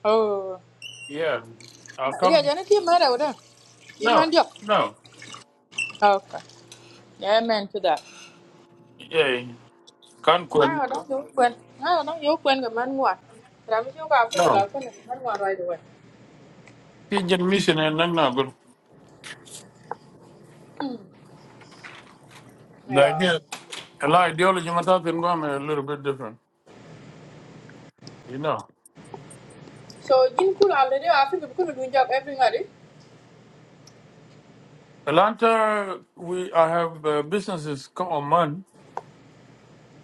A: Oh.
B: Yeah. I'll
A: Ria
B: come.
A: jana ti mara wada. Ti
B: No,
A: man diok.
B: no.
A: Okay. Yeah, man to that.
B: Yeah.
A: Ngai
B: Conquest.
A: wa dong yu kwen. Ngai wa dong yu kwen ga man ngwa. Ram chu ga afir ga
B: No.
A: la kwen man ngwa rồi away.
B: She just mission and then not good. The
A: Yeah.
B: idea, a lot of ideology, my thoughts in Guam are a little bit different. You know.
A: So jin kul already afir cái kun dun jok every ngari.
B: Atlanta, we I have uh, businesses come on man.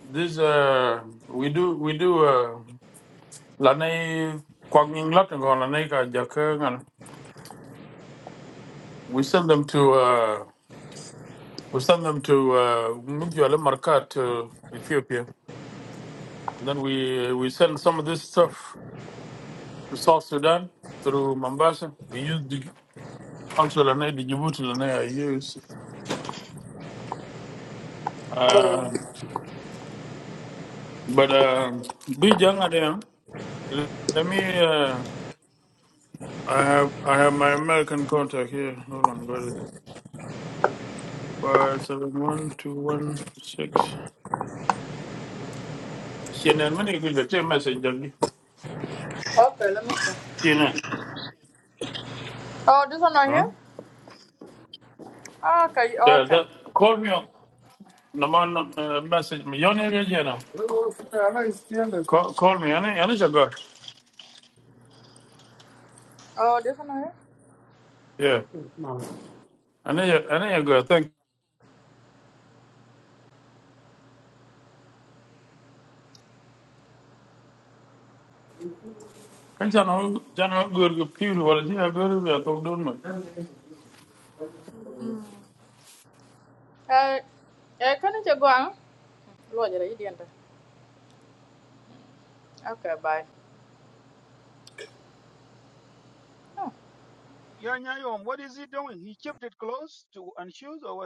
B: This uh, we do we do uh, lanai kwanging lot and go lanai ka jaka ngana. We send them to uh, We send them to uh, Mugyale Markat, uh, Ethiopia. then we we send some of this stuff to South Sudan through Mombasa. We use the council and the Djibouti and I use.
A: Oh.
B: Uh, but uh, be young again. Let me. Uh, I have I have my American contact here. Hold on, where is it? Five seven one two one six. CNN, when you get the same message, Jackie.
A: Okay, let me see.
B: CNN.
A: Oh, this one right
B: Huh?
A: here? Okay,
B: Yeah,
A: okay.
B: that call me. Lamar uh, message me. Your name again. Call, call me. I need, I any your girl.
A: Oh, this one right here?
B: Yeah. I any your I need your girl. Thank. Kan jag nog jag nog gå på kul vad det är jag går jag tog dem.
A: Uh, eh, can you go on? Lo jara yi dienta. Okay, bye. Oh.
E: Yeah, Nyayom. What is he doing? He kept it close to unshoes or what?